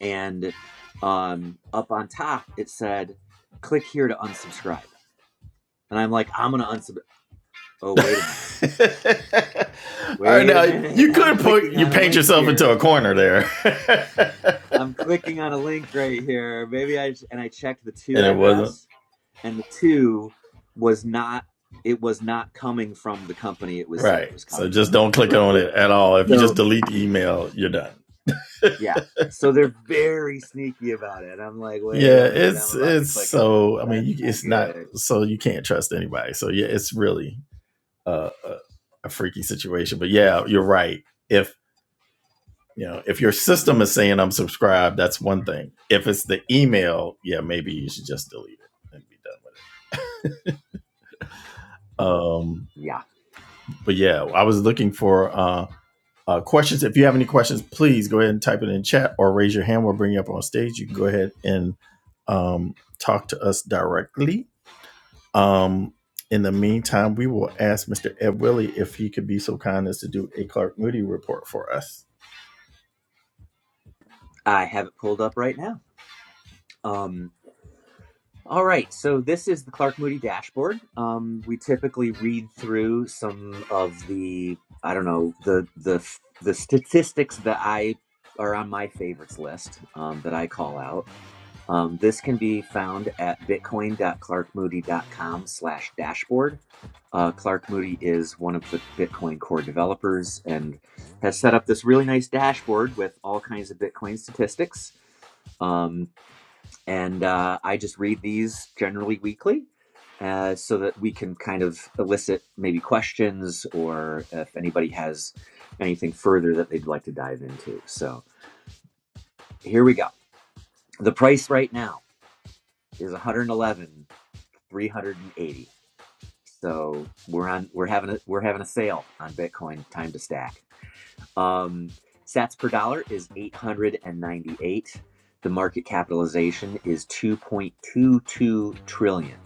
C: and um up on top it said click here to unsubscribe and i'm like i'm gonna unsub oh wait a minute
A: All right,
C: wait a
A: now
C: minute
A: you
C: i'm
A: could put
C: clicking
A: you
C: on a
A: paint
C: link
A: yourself into
C: here
A: a corner there,
C: i'm clicking on a link right here maybe i sh- and i checked the to
A: and it wasn't
C: address and the two was not it was not coming from the company it was said it
A: right.
C: was
A: So
C: coming
A: just
C: from
A: don't click
C: right
A: on it at all. If you just
C: so
A: delete the email, you're done.
C: yeah so they're very sneaky about it i'm like wait
A: Yeah,
C: a minute i'm
A: it's
C: about to
A: it's
C: click on this
A: so. I mean,
C: that's
A: you,
C: not
A: it's not
C: good
A: so you can't trust anybody. So yeah, it's really uh, a, a freaky situation. But yeah, you're right. If you know if your system is saying I'm subscribed, that's one thing. If it's the email, yeah, maybe you should just delete it and be done with it. Um,
C: yeah
A: But yeah, I was looking for uh, uh, questions. If you have any questions, please go ahead and type it in chat or raise your hand. We'll bring you up on stage. You can go ahead and um, talk to us directly. Um, in the meantime, we will ask Mr. Ed Willie if he could be so kind as to do a Clark Moody report for us.
C: i have it pulled up right now um all right so this is the clark moody dashboard um we typically read through some of the i don't know the the the statistics that i are on my favorites list um, that i call out Um, this can be found at bitcoin.clarkmoody.com slash dashboard. Uh, Clark Moody is one of the Bitcoin core developers and has set up this really nice dashboard with all kinds of Bitcoin statistics. Um, and uh, I just read these generally weekly uh, so that we can kind of elicit maybe questions or if anybody has anything further that they'd like to dive into. So here we go. The price right now is 111 dollars 380. So we're on we're having a we're having a sale on Bitcoin time to stack. Um sats per dollar is 898. The market capitalization is 2.22 trillion.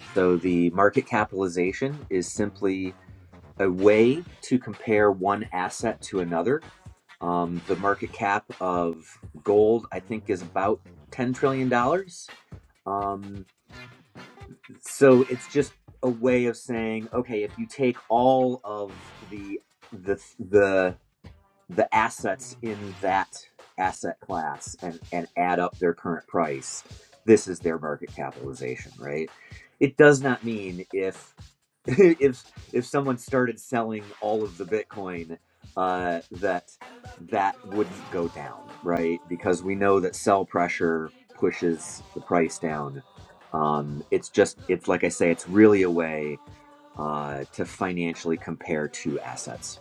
C: So the market capitalization is simply a way to compare one asset to another. Um, the market cap of gold, I think, is about $10 trillion. dollars. Um, so it's just a way of saying okay if you take all of the the the the assets in that asset class and and add up their current price this is their market capitalization right it does not mean if if if someone started selling all of the Bitcoin, uh, that that wouldn't go down, right? Because we know that sell pressure pushes the price down. Um, it's just it's like I say, it's really a way uh, to financially compare two assets.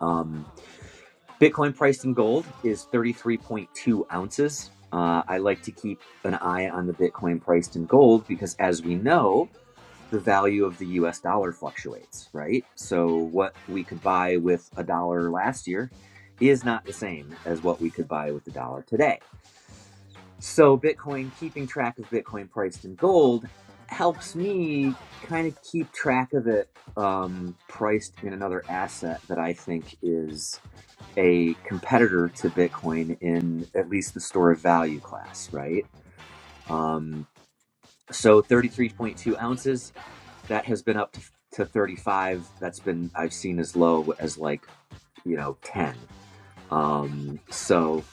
C: Um, Bitcoin priced in gold is thirty three point two ounces. Uh, I like to keep an eye on the Bitcoin priced in gold because, as we know, the value of the US dollar fluctuates, right? So what we could buy with a dollar last year is not the same as what we could buy with the dollar today. So Bitcoin, keeping track of Bitcoin priced in gold helps me kind of keep track of it um, priced in another asset that I think is a competitor to Bitcoin in at least the store of value class, right? Um, so 33.2 ounces that has been up to, to 35 that's been i've seen as low as like you know 10 um so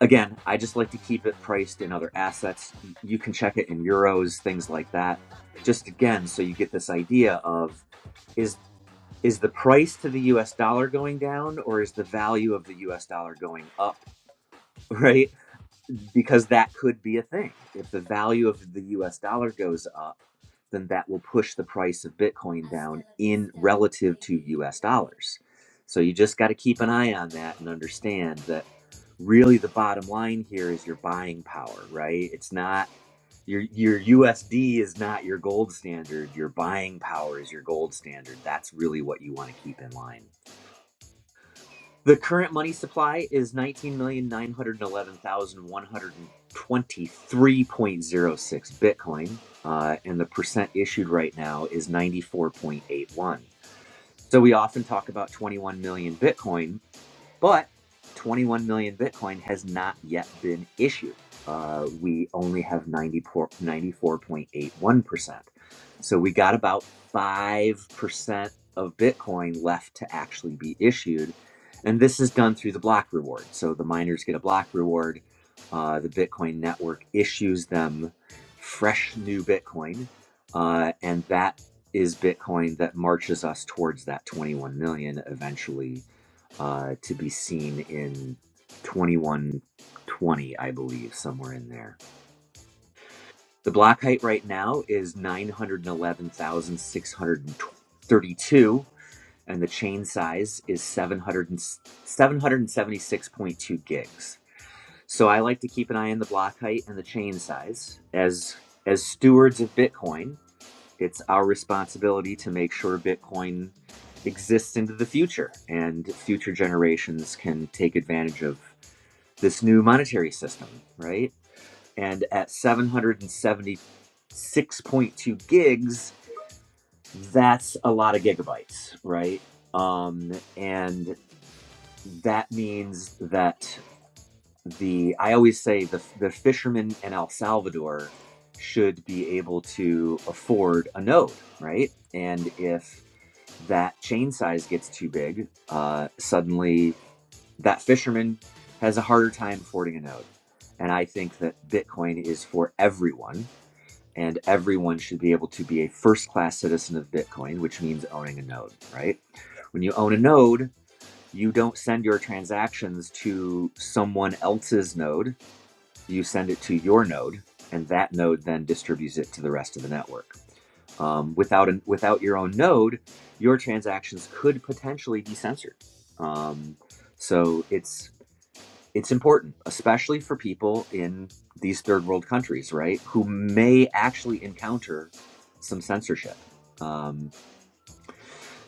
C: again i just like to keep it priced in other assets you can check it in euros things like that just again so you get this idea of is is the price to the us dollar going down or is the value of the us dollar going up right because that could be a thing. If the value of the US dollar goes up, then that will push the price of Bitcoin down in relative to US dollars. So you just got to keep an eye on that and understand that really the bottom line here is your buying power, right? It's not your your USD is not your gold standard. Your buying power is your gold standard. That's really what you want to keep in line. The current money supply is 19,911,123.06 Bitcoin, uh, and the percent issued right now is 94.81. So we often talk about 21 million Bitcoin. But 21 million Bitcoin has not yet been issued. Uh, we only have 94, 94.81%. So we got about 5% of Bitcoin left to actually be issued. And this is done through the block reward. So the miners get a block reward. Uh, the Bitcoin network issues them fresh new Bitcoin. Uh, and that is Bitcoin that marches us towards that 21 million eventually uh, to be seen in 2120, I believe, somewhere in there. The block height right now is 911,632, and the chain size is 700 776.2 gigs. So I like to keep an eye on the block height and the chain size. As as stewards of Bitcoin, it's our responsibility to make sure Bitcoin exists into the future and future generations can take advantage of this new monetary system, right? And at 776.2 gigs, that's a lot of gigabytes, right? Um, and that means that the, I always say the, the fishermen in El Salvador should be able to afford a node, right? And if that chain size gets too big, uh, suddenly that fisherman has a harder time affording a node. And I think that Bitcoin is for everyone, and everyone should be able to be a first class citizen of Bitcoin, which means owning a node, right? When you own a node, you don't send your transactions to someone else's node, you send it to your node, and that node then distributes it to the rest of the network. Um, without, an, without your own node, your transactions could potentially be censored. Um, so it's it's important, especially for people in these third world countries, right? Who may actually encounter some censorship. Um,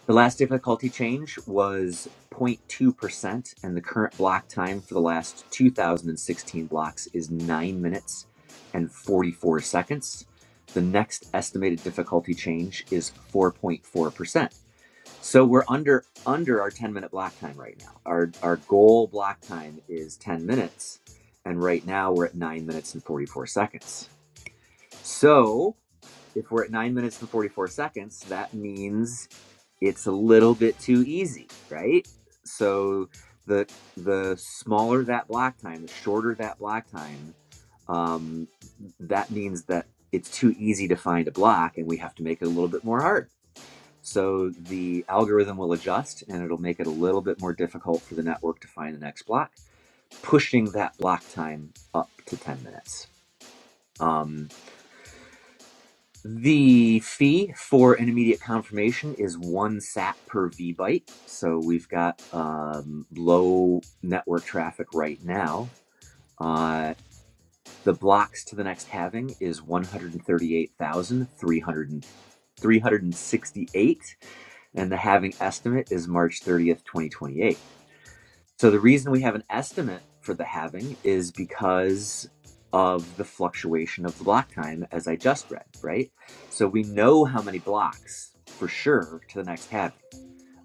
C: the last difficulty change was 0.2%, and the current block time for the last 2016 blocks is 9 minutes and 44 seconds. The next estimated difficulty change is 4.4%. So we're under under our 10 minute block time right now. Our our goal block time is 10 minutes and right now we're at 9 minutes and 44 seconds. So, if we're at 9 minutes and 44 seconds, that means it's a little bit too easy, right? So the the smaller that block time, the shorter that block time, um, that means that it's too easy to find a block and we have to make it a little bit more hard so the algorithm will adjust and it'll make it a little bit more difficult for the network to find the next block, pushing that block time up to 10 minutes. Um, the fee for an immediate confirmation is one sat per vbyte. So we've got um, low network traffic right now. Uh, the blocks to the next halving is 138,368, and the halving estimate is March 30th, 2028. So the reason we have an estimate for the halving is because of the fluctuation of the block time, as I just read, right? So we know how many blocks for sure to the next halving,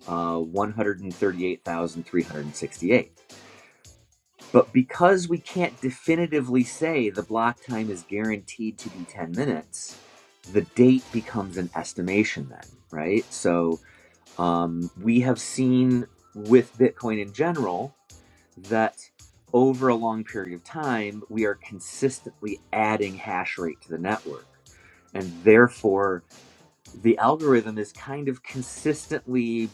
C: uh, 138,368. But because we can't definitively say the block time is guaranteed to be 10 minutes, the date becomes an estimation then, right? So um, we have seen with Bitcoin in general that over a long period of time, we are consistently adding hash rate to the network. And therefore, the algorithm is kind of consistently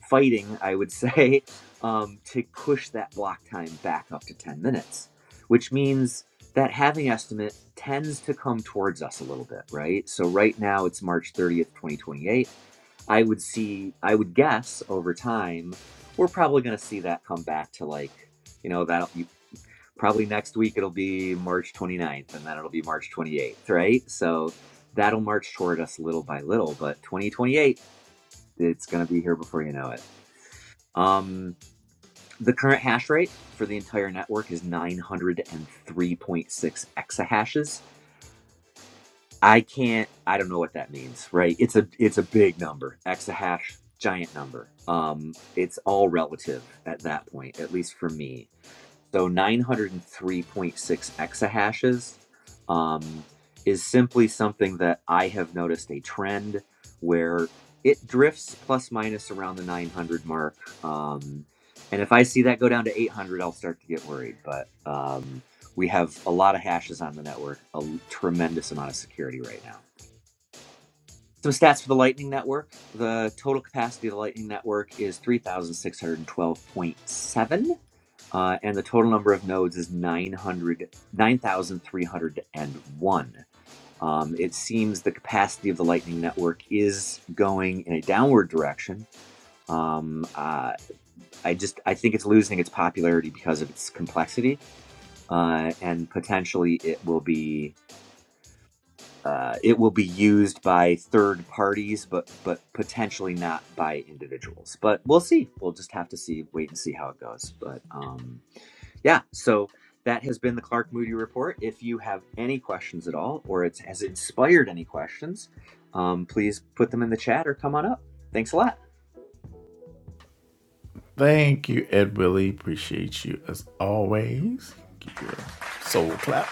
C: fighting, I would say, um, to push that block time back up to 10 minutes, which means that having estimate tends to come towards us a little bit, right? So right now it's March 30th, 2028 I would see, I would guess over time, we're probably going to see that come back to like, you know, that you, probably next week it'll be March 29th and then it'll be March 28th, right? So that'll march toward us little by little, but 2028, it's going to be here before you know it. Um, the current hash rate for the entire network is 903.6 exahashes I can't I don't know what that means, right? It's a it's a big number, exahash, giant number. Um it's all relative at that point, at least for me. So 903.6 exahashes um, is simply something that I have noticed a trend where it drifts plus minus around the 900 mark. Um, and if I see that go down to 800, I'll start to get worried. But um, we have a lot of hashes on the network, a l- tremendous amount of security right now. Some stats for the Lightning Network. The total capacity of the Lightning Network is 3,612.7 uh, and the total number of nodes is 900, 9,301. Um, it seems the capacity of the Lightning Network is going in a downward direction. Um, uh, I just I think it's losing its popularity because of its complexity, uh, and potentially it will be uh, it will be used by third parties, but but potentially not by individuals. But we'll see. We'll just have to see, wait and see how it goes. But um, Yeah, so that has been the Clark Moody Report. If you have any questions at all, or it's has inspired any questions, um, please put them in the chat or come on up. Thanks a lot.
A: Thank you, Ed Willie. Appreciate you as always. Give you a soul clap.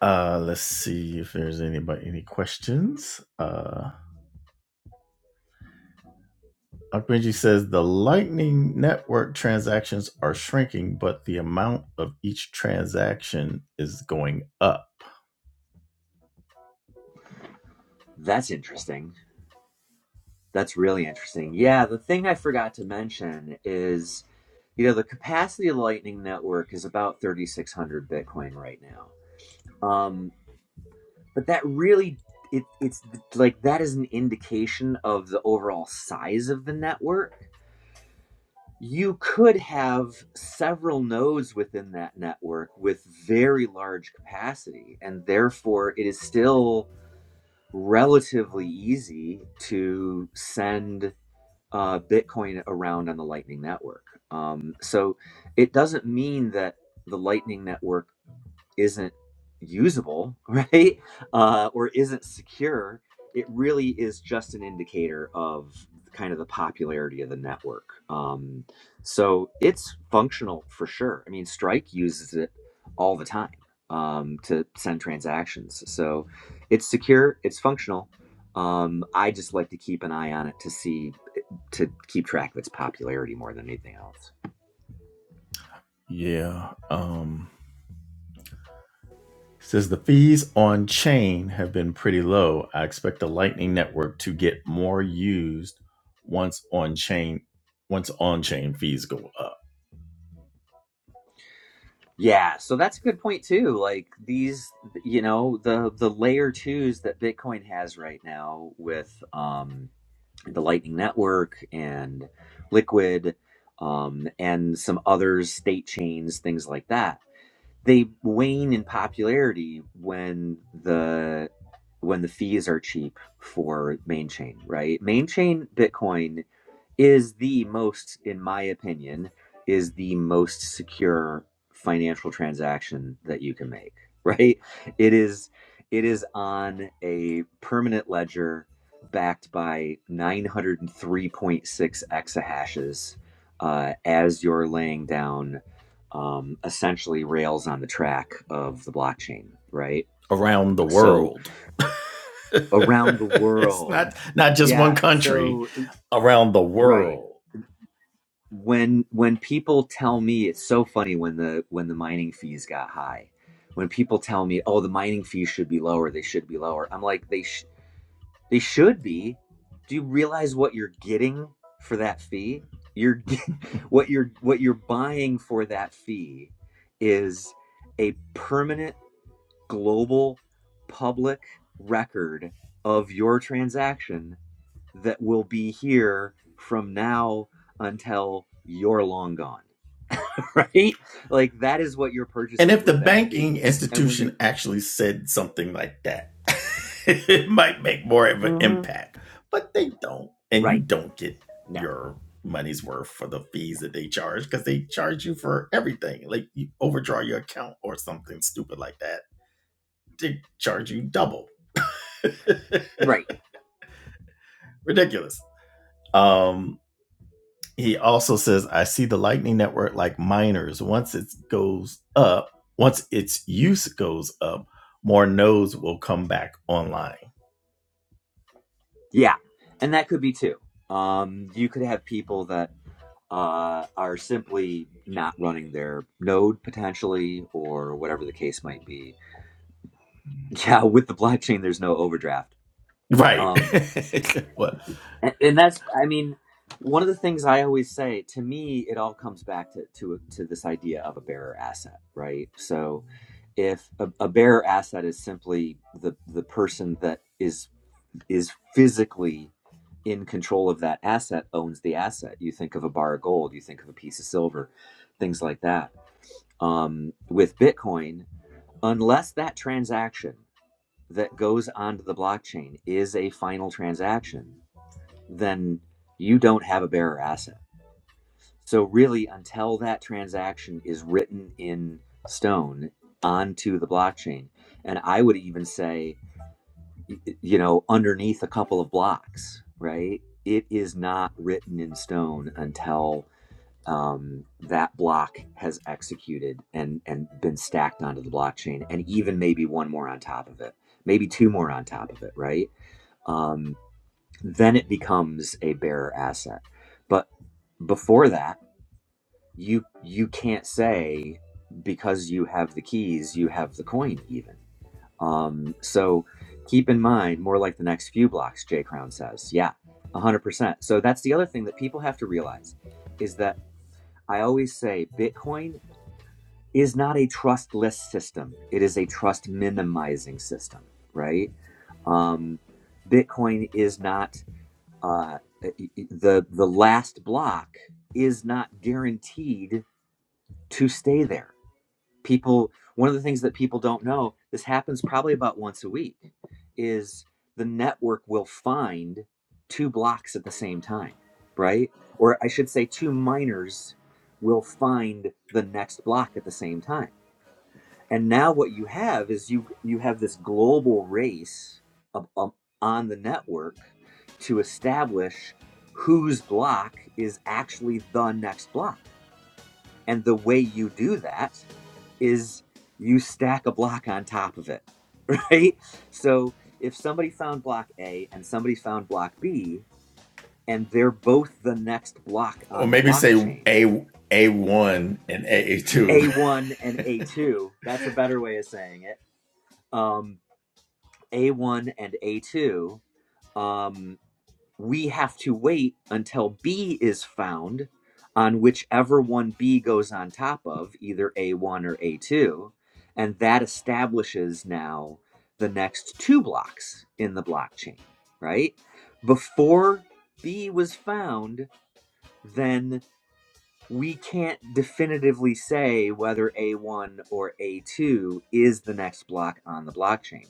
A: Uh, let's see if there's anybody any questions. Uh, Benji says the Lightning Network transactions are shrinking, but the amount of each transaction is going up.
C: That's interesting. That's really interesting. Yeah, the thing I forgot to mention is, you know, the capacity of the Lightning Network is about 3,600 Bitcoin right now. Um, but that really, it, it's like that is an indication of the overall size of the network you could have several nodes within that network with very large capacity and therefore it is still relatively easy to send uh, bitcoin around on the lightning network um, so it doesn't mean that the lightning network isn't usable, right? Uh, or isn't secure, it really is just an indicator of kind of the popularity of the network. Um, so it's functional for sure. I mean, Strike uses it all the time um, to send transactions. So it's secure, it's functional. Um, I just like to keep an eye on it to see to keep track of its popularity more than anything else.
A: Yeah. Um, says the fees on chain have been pretty low. I expect the Lightning Network to get more used once on chain once on chain fees go up
C: Yeah, so that's a good point too. Like these, you know, the the layer twos that Bitcoin has right now with um, the Lightning Network and Liquid um, and some other state chains, things like that. they wane in popularity when the when the fees are cheap for main chain, right? Main chain Bitcoin is the most, in my opinion, is the most secure financial transaction that you can make, right? It is it is on a permanent ledger backed by 903.6 exahashes uh, as you're laying down um, essentially rails on the track of the blockchain, right?
A: around the
C: So
A: world.
C: around the
A: it's
C: world,
A: not not just one
C: yeah.
A: country
C: So
A: around the
C: right
A: world.
C: when when people tell me it's so funny when the when the mining fees got high, when people tell me, oh, the mining fees should be lower, they should be lower. I'm like, they sh- they should be. Do you realize what you're getting for that fee? You're get- what you're what you're buying for that fee is a permanent global public record of your transaction that will be here from now until you're long gone, right? Like that is what you're
A: And
C: purchasing
A: if the
C: with that
A: banking
C: fee. And when you
A: institution actually said something like that, it might make more of an
C: Mhm.
A: impact. But they don't. And you
C: right,
A: don't get
C: no,
A: your money's worth for the
C: no,
A: fees that they charge because they charge you for everything. Like you overdraw your account or something stupid like that. They charge you double.
C: right,
A: Ridiculous. Um he also says, I see the Lightning Network like miners. Once it goes up, once its use goes up, more nodes will come back online.
C: yeah, and that could be too. Um, you could have people that uh, are simply not running their node potentially, or whatever the case might be. Yeah, with the blockchain, there's no overdraft.
A: Right.
C: Um,
A: well,
C: and, and that's i mean one of the things i always say to me it all comes back to to to this idea of a bearer asset right so if a, a bearer asset is simply the the person that is is physically in control of that asset owns the asset you think of a bar of gold you think of a piece of silver things like that um, with bitcoin unless that transaction that goes onto the blockchain is a final transaction then you don't have a bearer asset. So, really, until that transaction is written in stone onto the blockchain, and I would even say, you know, underneath a couple of blocks, right? It is not written in stone until um, that block has executed and and been stacked onto the blockchain, and even maybe one more on top of it, maybe two more on top of it, right? Um, then it becomes a bearer asset but before that you you can't say because you have the keys you have the coin even um so keep in mind more like the next few blocks jay crown says yeah 100% so that's the other thing that people have to realize is that i always say bitcoin is not a trustless system it is a trust minimizing system right um bitcoin is not uh, the the last block is not guaranteed to stay there. People, one of the things that people don't know, this happens probably about once a week, is the network will find two blocks at the same time, right? Or I should say, two miners will find the next block at the same time and now what you have is you you have this global race of, um, on the network to establish whose block is actually the next block and the way you do that is you stack a block on top of it right so if somebody found block a and somebody found block b and they're both the next block
A: or
C: on the
A: maybe say
C: blockchain
A: A A1 and A2
C: a1 and a2 that's a better way of saying it um, A1 and A2, um, we have to wait until B is found on whichever one B goes on top of, either A1 or A2. And that establishes now the next two blocks in the blockchain, right? Before B was found, then we can't definitively say whether A1 or A2 is the next block on the blockchain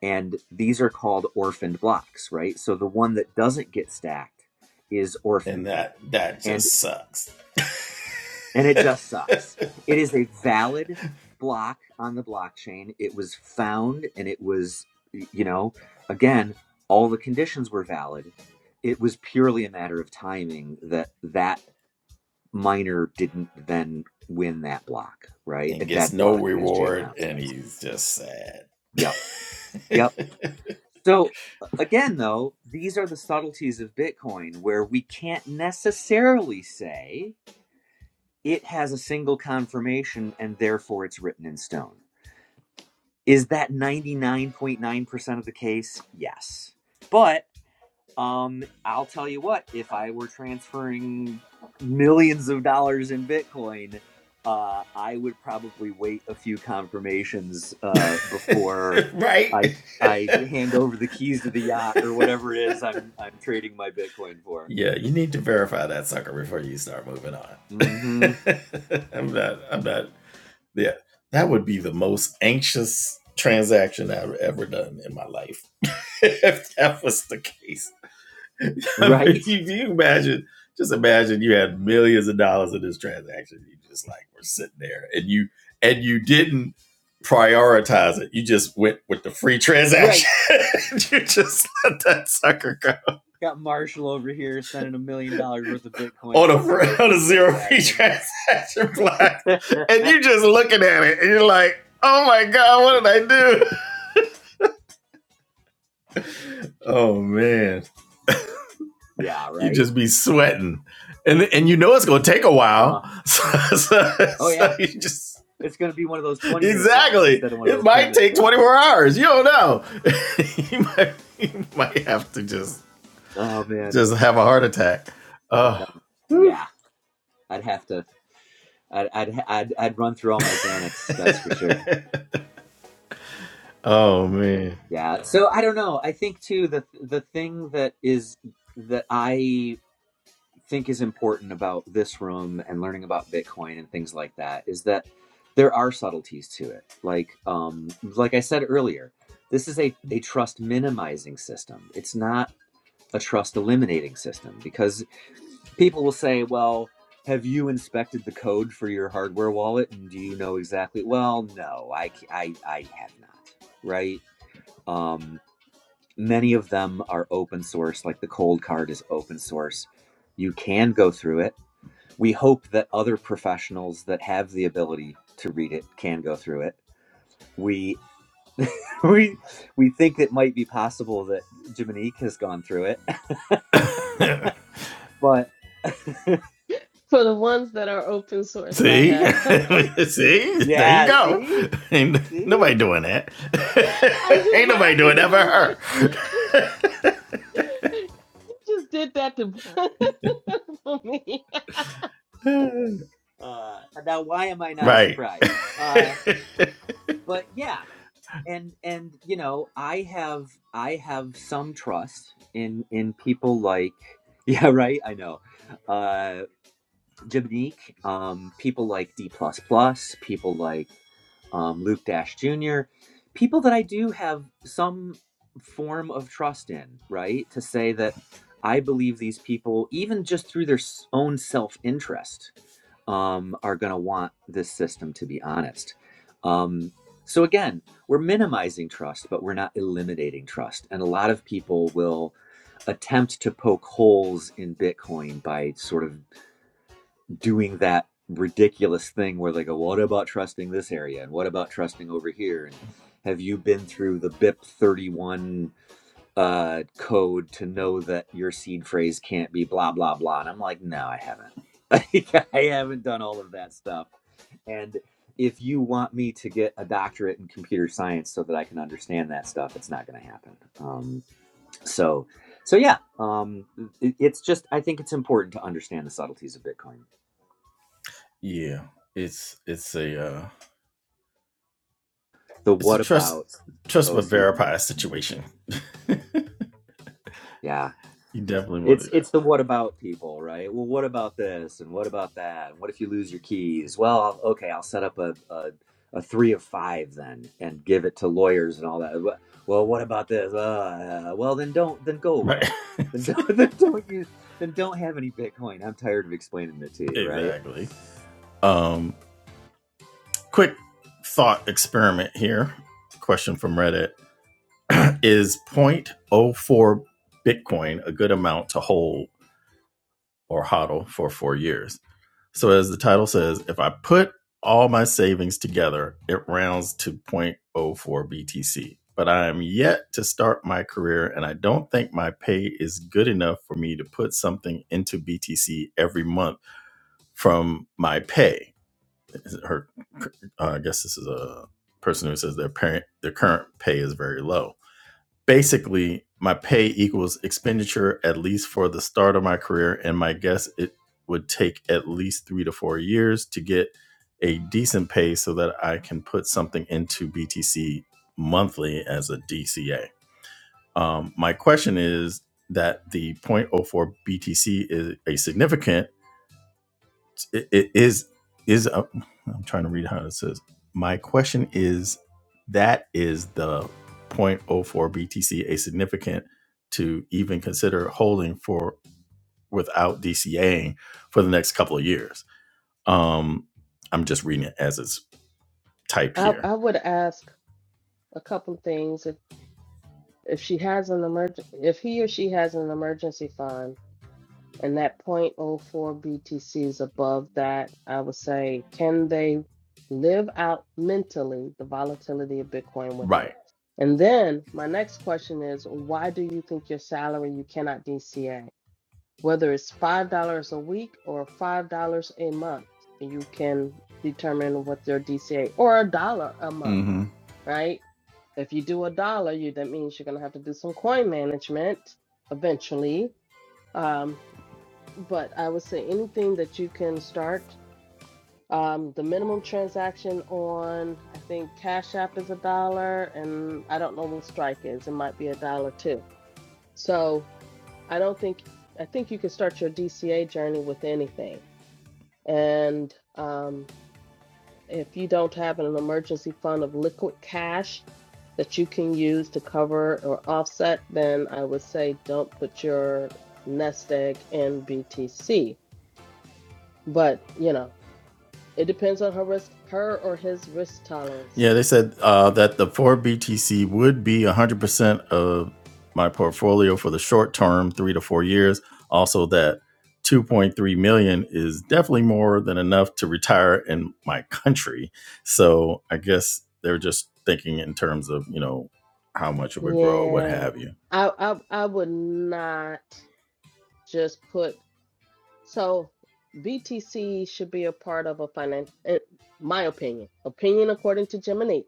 C: and these are called orphaned blocks right so the one that doesn't get stacked is orphaned
A: and
C: then
A: that that
C: and
A: just sucks
C: and it just sucks it is a valid block on the blockchain it was found and it was you know again all the conditions were valid it was purely a matter of timing that that miner didn't then win that block right a
A: and gets
C: dead
A: no
C: block as jay
A: reward
C: crown said
A: and he's just sad.
C: yep yep So again, though, these are the subtleties of Bitcoin where we can't necessarily say it has a single confirmation and therefore it's written in stone. Is that 99.9% of the case? Yes. But um, I'll tell you what, if I were transferring millions of dollars in Bitcoin, uh, I would probably wait a few confirmations uh, before
A: right?
C: I I hand over the keys to the yacht or whatever it is I'm I'm trading my Bitcoin for.
A: Yeah, you need to verify that sucker before you start moving on.
C: hmm
A: I'm not I'm not Yeah, that would be the most anxious transaction I've ever done in my life. if that was the case, I mean,
C: Right?
A: you, you imagine, just imagine you had millions of dollars in this transaction. You just like were sitting there, and you and you didn't prioritize it. You just went with the free transaction.
C: Right.
A: you just let that sucker go
C: Got Marshall over here sending a million dollars worth of Bitcoin
A: on
C: on
A: a
C: a zero
A: on
C: fee
A: a zero free
C: transaction.
A: transaction block,
C: yeah,
A: and you just looking at it, and you're like, "Oh my god, what did I do?" Oh man, you
C: right?
A: just be sweating, and and you know it's gonna take a
C: Uh,
A: while. So, so,
C: oh yeah.
A: so you just
C: It's going to be one of those 20 minute blocks
A: exactly.
C: instead of one of
A: It
C: those 10
A: might
C: minute
A: take twenty
C: blocks.
A: four hours. You don't know. you, might, you might have to just
C: Oh man.
A: just have a heart attack.
C: I
A: Oh,
C: don't, yeah, I'd have to, I'd, I'd, I'd, I'd run through all my Xanax. That's for sure.
A: oh man.
C: Yeah. So I don't know. I think too, the, the thing that is, that I think is important about this room and learning about Bitcoin and things like that is that there are subtleties to it. Like, um, like I said earlier, this is a, a trust minimizing system. It's not a trust eliminating system because people will say, well, have you inspected the code for your hardware wallet and do you know exactly? Well, no, I, c- I, I have not, right? Um, many of them are open source, like the cold card is open source. You can go through it. We hope that other professionals that have the ability to read it can go through it. We we we think it might be possible that Jiminique has gone through it, but
B: For the ones that are open source, I
A: See,
B: have.
A: see, there you
C: Yeah,
A: go.
C: see?
A: Ain't
C: See?
A: nobody doing that.
B: I'm just
A: Ain't nobody
B: laughing
A: doing
B: because
A: that
B: I'm
A: for
B: like, you just did that to for me.
A: her.
C: Uh now why am I not
A: right.
C: surprised? Uh but yeah, and and you know, I have I have some trust in in people like yeah, right, I know. Uh Jiminique, um people like D++, plus plus. people like um Luke Dash Jr., people that I do have some form of trust in, right? To say that I believe these people even just through their s- own self-interest um, are going to want this system, to be honest. Um, so, again, we're minimizing trust, but we're not eliminating trust. And a lot of people will attempt to poke holes in Bitcoin by sort of doing that ridiculous thing where they go, What about trusting this area? And what about trusting over here? And have you been through the BIP 31 uh, code to know that your seed phrase can't be blah, blah, blah? And I'm like, No, I haven't. I haven't done all of that stuff and if you want me to get a doctorate in computer science so that I can understand that stuff, it's not going to happen. Um, so, so yeah, um, it, it's just I think it's important to understand the subtleties of Bitcoin.
A: Yeah, it's it's a uh,
C: The
A: it's a
C: what
A: trust
C: about
A: trust but
C: OC?
A: verify situation.
C: Yeah,
A: You definitely want
C: It's
A: to do that,
C: it's the what about people, right? Well, what about this and what about that? And what if you lose your keys? Well, I'll- okay, I'll set up a, a a three of five then and give it to lawyers and all that. Wha- Well, what about this? Uh, uh, well, then don't then go
A: right?
C: away. Then don't, then don't use then don't have any Bitcoin. I'm tired of explaining it to you, right?
A: exactly. Um, quick thought experiment here. Question from Reddit: Is zero point zero 0.04 Bitcoin a good amount to hold or HODL for four years. So, as the title says, if I put all my savings together, it rounds to zero point zero 0.04 BTC. But I am yet to start my career, and I don't think my pay is good enough for me to put something into BTC every month from my pay. Her, uh, I guess this is a person who says their parent, their current pay is very low basically my pay equals expenditure at least for the start of my career and my guess it would take at least three to four years to get a decent pay so that i can put something into btc monthly as a dca um, my question is that the zero point zero 0.04 btc is a significant it, it is is is am trying to read how it says. My question is that is the zero point zero 0.04 BTC a significant to even consider holding for without DCAing for the next couple of years. Um, I'm just reading it as it's typed
B: I
A: here.
B: I would ask a couple of things if if she has an emerg if he or she has an emergency fund. and that zero point zero 0.04 BTC is above that, I would say, can they live out mentally the volatility of Bitcoin with it? And then my next question is, why do you think your salary you cannot DCA? Whether it's $5 a week or $5 a month, you can determine what their DCA or a dollar a month, right? If you do a dollar, you that means you're gonna have to do some coin management eventually. Um, but I would say anything that you can start. Um, the minimum transaction on, I think Cash App is a dollar, and I don't know what Strike is. It might be a dollar too. So I don't think I think you can start your DCA journey with anything. And um, if you don't have an emergency fund of liquid cash that you can use to cover or offset, then I would say don't put your nest egg in BTC. But you know. It depends on her risk, her or his risk tolerance.
A: Yeah, they said uh, that the four BTC would be 100% of my portfolio for the short term, three to four years. Also, that 2.3 million dollars is definitely more than enough to retire in my country. So I guess they're just thinking in terms of, you know, how much it would grow what
B: Yeah,
A: have you.
B: I I I would not just put so BTC should be a part of a finance. My opinion, opinion according to Gemini,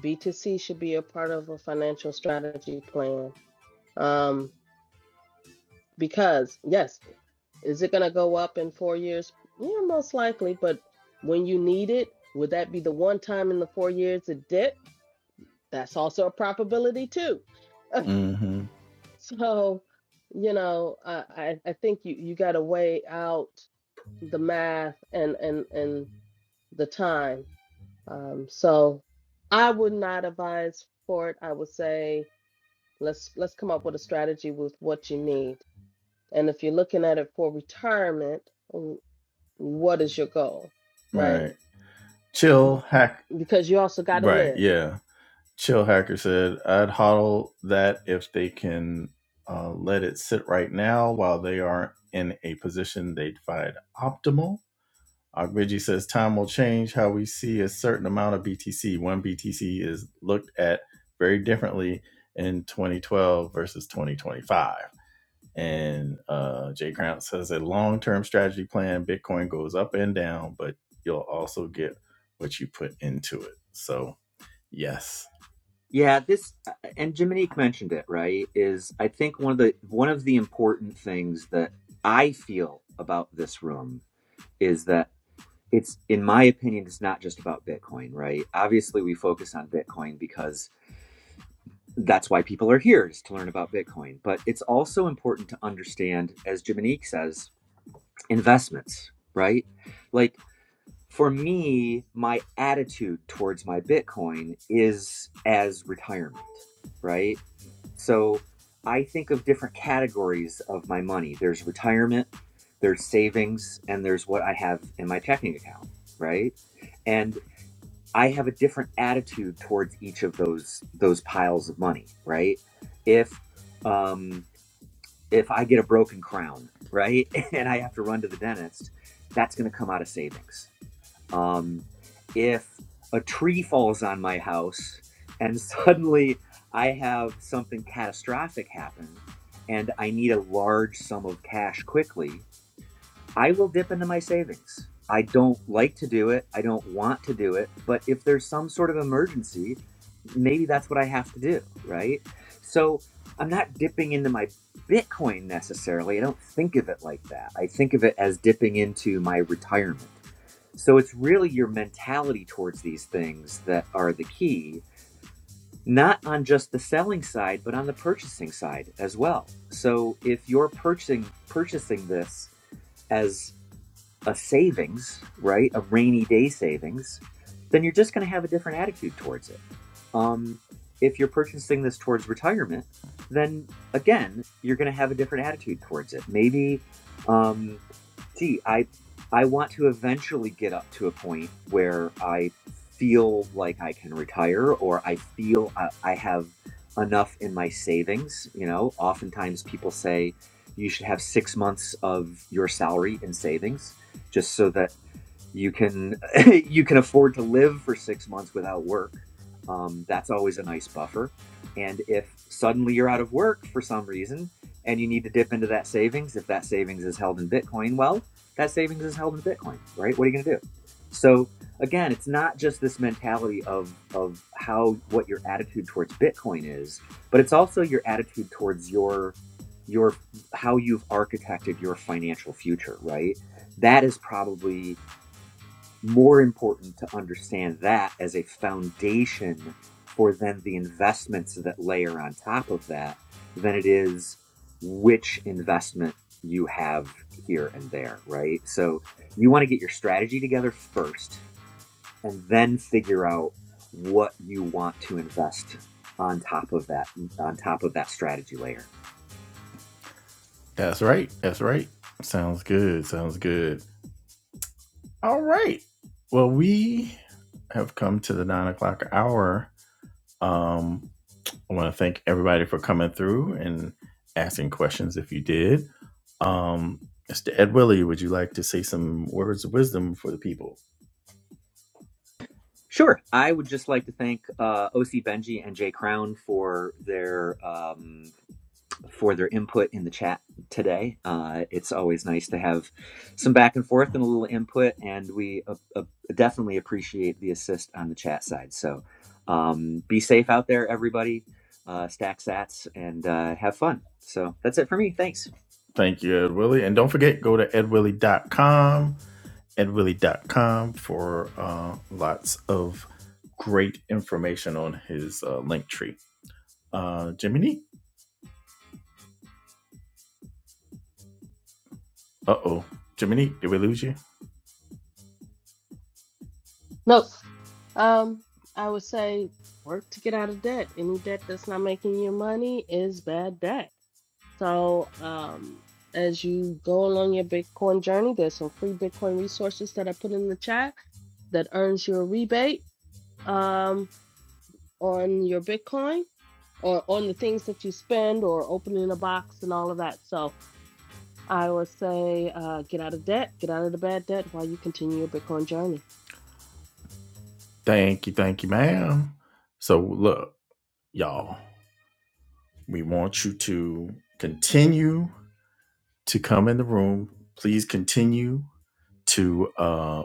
B: BTC should be a part of a financial strategy plan. Um, because yes, is it gonna go up in four years? Yeah, most likely. But when you need it, would that be the one time in the four years it dipped? that's also a probability too.
A: Mm-hmm.
B: so, you know, I, I I think you, you got to weigh out the math and and and the time. Um, so I would not advise for it. I would say let's let's come up with a strategy with what you need. And if you're looking at it for retirement, w- what is your goal, right?
A: Right. Chill hack.
B: Because you also got to
A: Right.
B: live.
A: Yeah. Chill Hacker said, I'd hodl that if they can uh, let it sit right now while they aren't in a position they'd find optimal. Ogbeji says, time will change how we see a certain amount of BTC. One BTC is looked at very differently in 2012 versus 2025. And uh, Jay Crown says, a long term strategy plan, Bitcoin goes up and down, but you'll also get what you put into it. So, yes
C: Yeah, this uh, and Jiminique mentioned it, right? Is I think one of the one of the important things that I feel about this room is that. it's in my opinion it's not just about bitcoin right obviously we focus on bitcoin because that's why people are here is to learn about bitcoin but it's also important to understand as jiminique says investments right like for me my attitude towards my bitcoin is as retirement right so i think of different categories of my money there's retirement there's savings and there's what i have in my checking account right and I have a different attitude towards each of those those piles of money, right? If um if I get a broken crown, right, and I have to run to the dentist, that's going to come out of savings. Um if a tree falls on my house and suddenly I have something catastrophic happen and I need a large sum of cash quickly, I will dip into my savings. I don't like to do it. I don't want to do it. But if there's some sort of emergency, maybe that's what I have to do. Right. So I'm not dipping into my Bitcoin necessarily. I don't think of it like that. I think of it as dipping into my retirement. So it's really your mentality towards these things that are the key, not on just the selling side, but on the purchasing side as well. So if you're purchasing purchasing this, as a savings, right? A rainy day savings, then you're just going to have a different attitude towards it. Um, if you're purchasing this towards retirement, then again, you're going to have a different attitude towards it. Maybe, um, gee, I I want to eventually get up to a point where I feel like I can retire, or I feel I, I have enough in my savings. You know, oftentimes people say you should have six months of your salary in savings just so that you can you can afford to live for six months without work um, that's always a nice buffer and if suddenly you're out of work for some reason and you need to dip into that savings if that savings is held in bitcoin well that savings is held in bitcoin right what are you going to do so again it's not just this mentality of of how what your attitude towards bitcoin is but it's also your attitude towards your your how you've architected your financial future right that is probably more important to understand that as a foundation for then the investments that layer on top of that than it is which investment you have here and there, right? So you want to get your strategy together first and then figure out what you want to invest on top of that on top of that strategy layer.
A: That's right. That's right. Sounds good. Sounds good. All right. Well, we have come to the nine o'clock hour. Um, I want to thank everybody for coming through and asking questions if you did. Um, Mr. Ed Willie, would you like to say some words of wisdom for the people?
C: Sure. I would just like to thank uh, OC Benji and Jay Crown for their um, for their input in the chat today. Uh, it's always nice to have some back and forth and a little input, and we uh, uh, definitely appreciate the assist on the chat side. So um, be safe out there, everybody. Uh, stack sats and uh, have fun. So that's it for me. Thanks.
A: Thank you, Ed Willie. And don't forget, go to ed willie dot com, ed willie dot com for uh, lots of great information on his uh, link tree. Uh, Jiminy? Uh oh. Jiminy, did we lose you?
B: No, Um, I would say work to get out of debt. Any debt that's not making you money is bad debt. So, um, as you go along your Bitcoin journey, there's some free Bitcoin resources that I put in the chat that earns you a rebate um, on your Bitcoin or on the things that you spend or opening a box and all of that. So I would say uh, get out of debt, get out of the bad debt while you continue your Bitcoin journey.
A: Thank you, thank you, ma'am. So, look, y'all, we want you to continue to come in the room. Please continue to. uh,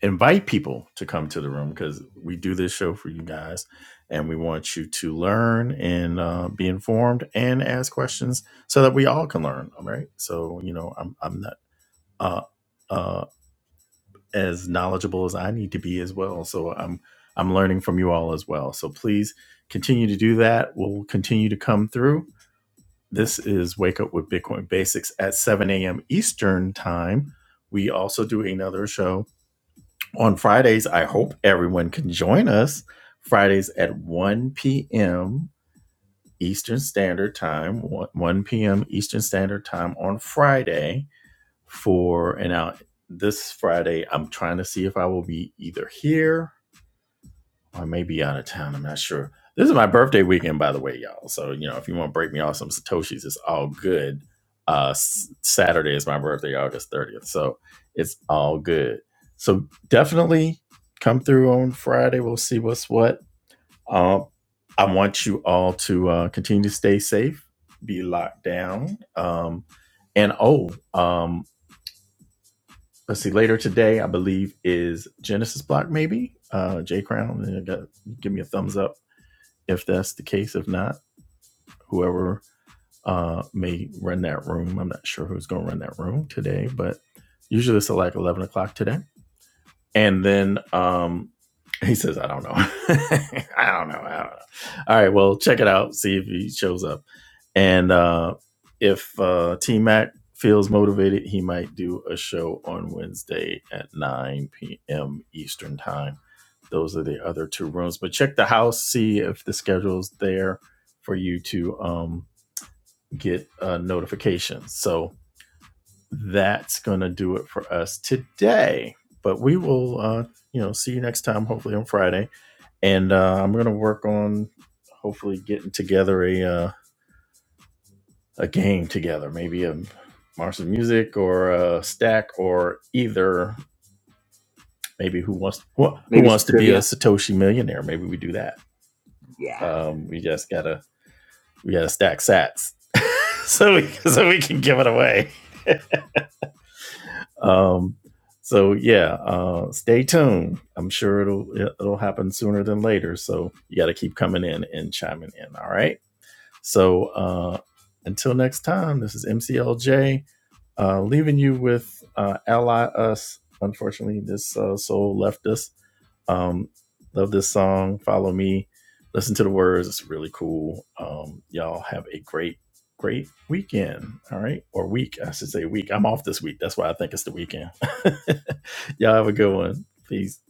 A: invite people to come to the room because we do this show for you guys and we want you to learn and uh, be informed and ask questions so that we all can learn all right so you know i'm, I'm not uh, uh, as knowledgeable as i need to be as well so i'm i'm learning from you all as well so please continue to do that we'll continue to come through this is wake up with bitcoin basics at 7 a.m eastern time we also do another show on Fridays, I hope everyone can join us Fridays at 1 p.m. Eastern Standard Time, 1 p.m. Eastern Standard Time on Friday for and now this Friday. I'm trying to see if I will be either here I may be out of town. I'm not sure. This is my birthday weekend, by the way, y'all. So you know, if you want to break me off some satoshis, it's all good. Uh, Saturday is my birthday, August 30th, so it's all good. So definitely come through on Friday. We'll see what's what. Um, I want you all to uh, continue to stay safe, be locked down. Um, and oh, um, let's see. Later today, I believe is Genesis Block, maybe. Uh, J Crown, give me a thumbs up if that's the case. If not, whoever uh, may run that room. I'm not sure who's going to run that room today, but usually it's at like 11 o'clock today. And then um, he says, I don't know. I don't know. I don't know. All right. Well, check it out. See if he shows up. And uh, if uh, T Mac feels motivated, he might do a show on Wednesday at 9 p.m. Eastern Time. Those are the other two rooms. But check the house, see if the schedule's there for you to um, get uh, notifications. So that's going to do it for us today. But we will, uh, you know, see you next time, hopefully on Friday. And uh, I'm going to work on hopefully getting together a. Uh, a game together, maybe a Mars of Music or a stack or either maybe who wants who
C: Maybe
A: wants
C: some
A: to be a
C: trivia.
A: Satoshi millionaire. Maybe we do that.
C: Yeah.
A: Um, we just gotta we gotta stack sats so we so we can give it away. Um, so yeah, uh, stay tuned. I'm sure it'll it'll happen sooner than later. So you got to keep coming in and chiming in. All right. So uh, until next time, this is MCLJ Uh, leaving you with uh, Ally Us. Unfortunately, this uh, soul left us. Um, love this song. Follow me. Listen to the words. It's really cool. Um, y'all have a great, great weekend. All right. Or week. I should say week. I'm off this week. That's why I think it's the weekend. y'all have a good one. Peace.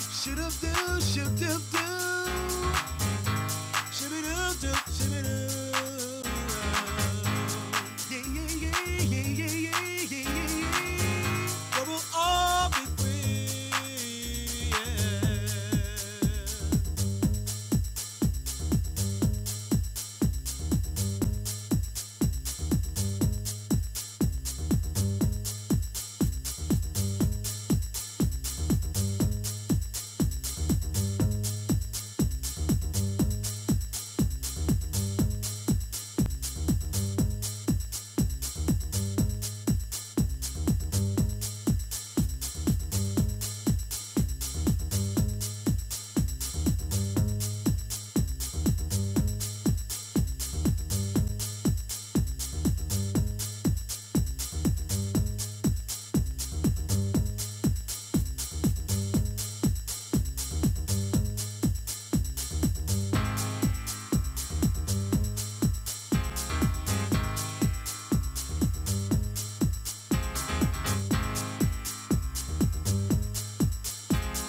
A: Shoo-doo-doo, shoo-doo-doo, doo doo shoo-doo-doo. yeah, yeah, yeah, yeah, yeah, yeah, yeah, yeah, yeah. But we'll all be free.